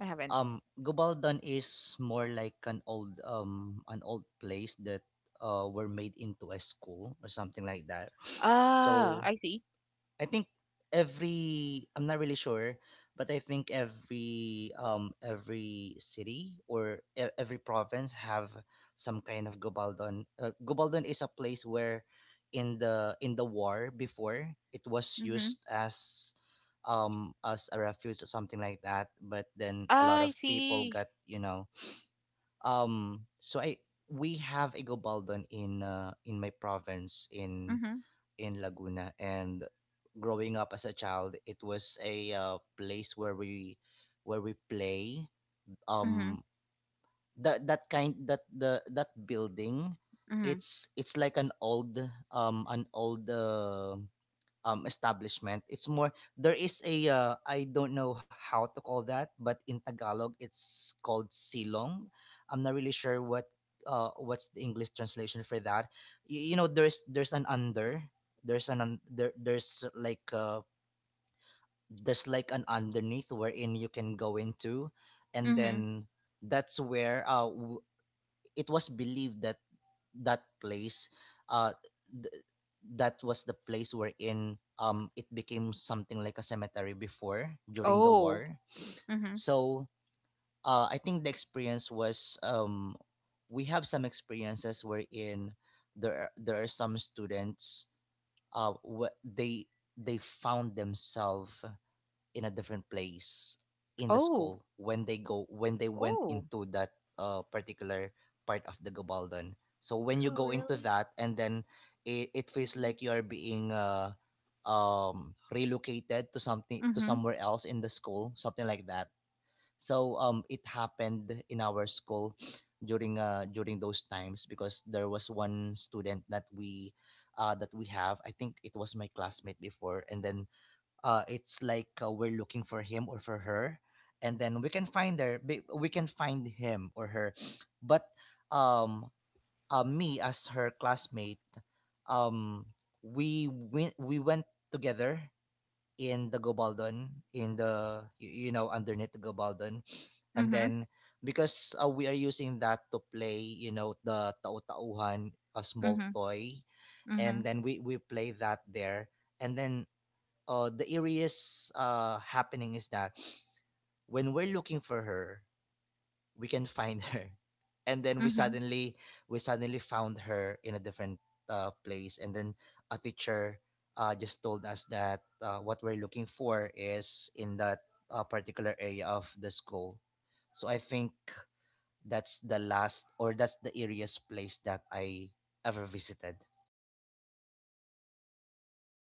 C: I haven't.
B: Gobaldon is more like an old place that were made into a school or something like that.
C: Ah,
B: So
C: I see.
B: I think every I'm not really sure, but I think every city or every province have some kind of gobaldon. Gobaldon is a place where in the war before it was used
C: Mm-hmm.
B: as a refuge or something like that but then a lot
C: I
B: of people
C: see.
B: got you know so I we have a gobaldon in my province
C: Mm-hmm.
B: in Laguna. And growing up as a child, it was a place where we play.
C: Mm-hmm.
B: Um, that that kind that the that building,
C: Mm-hmm.
B: it's like an old establishment. It's more there is a I don't know how to call that, but in Tagalog it's called silong. I'm not really sure what what's the English translation for that. You know there's an under, there's an un, there there's like an underneath wherein you can go into and
C: Mm-hmm.
B: then that's where it was believed that that place uh th- that was the place wherein it became something like a cemetery before during the
C: Oh.
B: war
C: Mm-hmm.
B: so I think the experience was we have some experiences wherein there are some students uh wh- they they found themselves in a different place in the
C: Oh.
B: school when they went
C: Oh.
B: into that particular part of the Gabaldon. So when you
A: Oh,
B: go into
A: really?
B: that and then it feels
A: Hmm.
B: like you are being relocated to something to
C: Mm-hmm.
B: somewhere else in the school, something like that. So it happened in our school during during those times because there was one student that we have. I think it was my classmate before, and then it's like we're looking for him or for her and then we can find her we can find him or her but um me as her classmate um we went together in the gobaldon in the you know underneath the gobaldon and
C: Mm-hmm.
B: then because we are using that to play you know the tau-tauhan a small
C: Mm-hmm.
B: toy
C: Mm-hmm.
B: and then we play that there and then the eeriest happening is that when we're looking for her, we can find her, and then
C: Mm-hmm.
B: we suddenly found her in a different place, and then a teacher just told us that what we're looking for is in that particular area of the school. So I think that's the last or that's the eeriest place that I ever visited.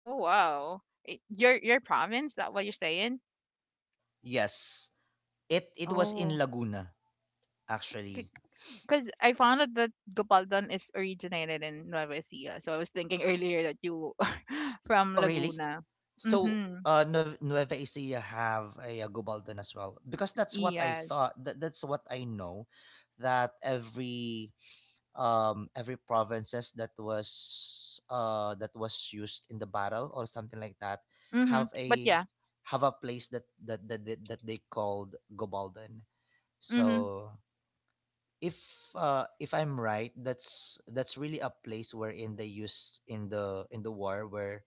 C: Oh wow. I- your province? That what you're saying?
B: Yes, it was
C: Oh.
B: in Laguna actually.
C: Because I found out that Gopaldan is originated in Nueva Ecija, so I was thinking earlier that you from
B: Oh, really?
C: Laguna.
B: So,
C: Mm-hmm.
B: Nueva Ecija have a, Gubaldan as well because that's what I
C: Yes.
B: thought. That, that's what I know. That every provinces that was used in the battle or something like that
C: Mm-hmm.
B: have
C: But
B: a
C: yeah.
B: have a place that that they called Gubaldan.
C: Mm-hmm.
B: So if if I'm right, that's really a place wherein they used in the war where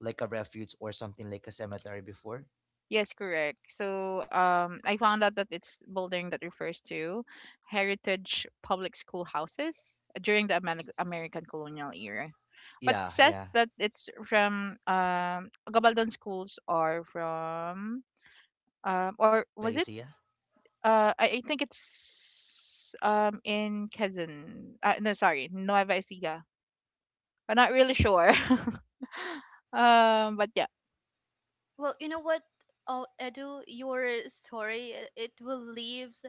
B: like a refuge or something like a cemetery before.
C: Yes, correct. So I found out that it's building that refers to heritage public schoolhouses during the American colonial era, but
B: Yeah,
C: says
B: yeah.
C: that it's from Gabaldon schools are from or was it?
B: Novacia.
C: I think it's in Quezon. No, sorry, Nueva Ecija. I'm not really sure. But yeah.
A: Well, you know what? Oh, Edu, your story I- it will leaves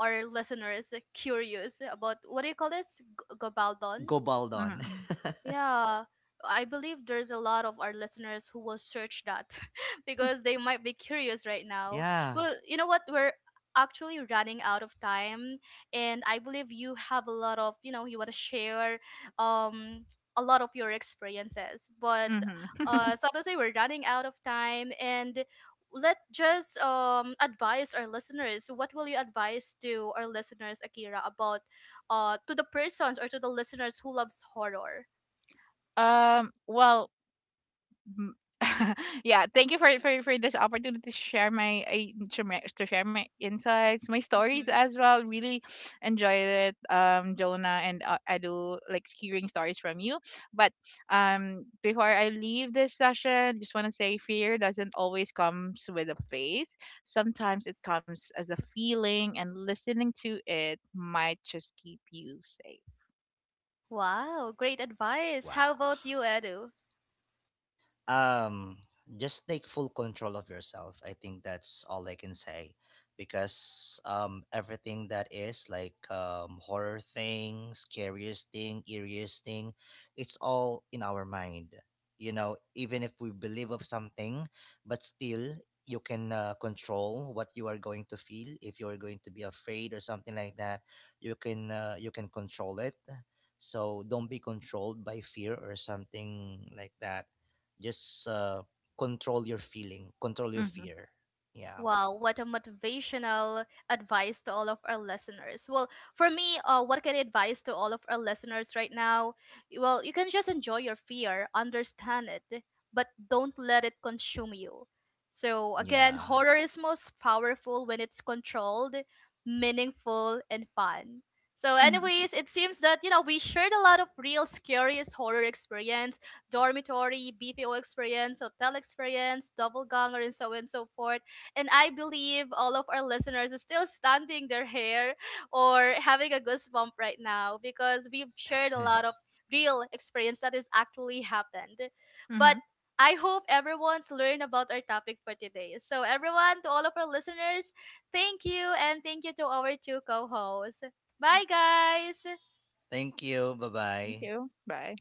A: our listeners curious about what do you call this? G- gabaldon?
B: Gobaldon.
C: Mm-hmm.
A: Yeah, I believe there's a lot of our listeners who will search that because they might be curious right now.
B: Yeah.
A: Well, you know what? We're actually running out of time, and I believe you have a lot of, you know, you want to share um a lot of your experiences. But
C: Mm-hmm.
A: suddenly we're running out of time, and let just advise our listeners. What will you advise to our listeners, Akira, about to the persons or to the listeners who loves horror?
C: Well, mm. Yeah, thank you for this opportunity to share my to share my insights, my stories
A: Hmm.
C: as well. Really enjoyed it, Jonah, and Adu, like hearing stories from you. But before I leave this session, just want to say fear doesn't always comes with a face. Sometimes it comes as a feeling, and listening to it might just keep you safe.
A: Wow, great advice. How
B: Wow.
A: about you, Edu?
B: Um, just take full control of yourself. I think that's all I can say because everything that is like horror thing, scariest thing, eeriest thing, it's all in our mind. You know, even if we believe of something, but still you can control what you are going to feel if you are going to be afraid or something like that you can control it so don't be controlled by fear or something like that just control your feeling, control your
C: Mm-hmm.
B: fear. Yeah.
A: Wow, what a motivational advice to all of our listeners. Well, for me, what can I advise to all of our listeners right now? Well, you can just enjoy your fear, understand it, but don't let it consume you. So, again,
B: Yeah.
A: horror is most powerful when it's controlled, meaningful, and fun. So,
C: Mm-hmm.
A: anyways, it seems that, you know, we shared a lot of real scariest horror experience, dormitory, BPO experience, hotel experience, double ganger, and so on and so forth, and I believe all of our listeners are still standing their hair or having a goosebump right now because we've shared a lot of real experience that has actually happened.
C: Mm-hmm.
A: But I hope everyone's learned about our topic for today. So everyone, to all of our listeners, thank you, and thank you to our two co-hosts. Bye guys.
B: Thank you. Bye
C: Thank
B: bye.
C: you. Bye.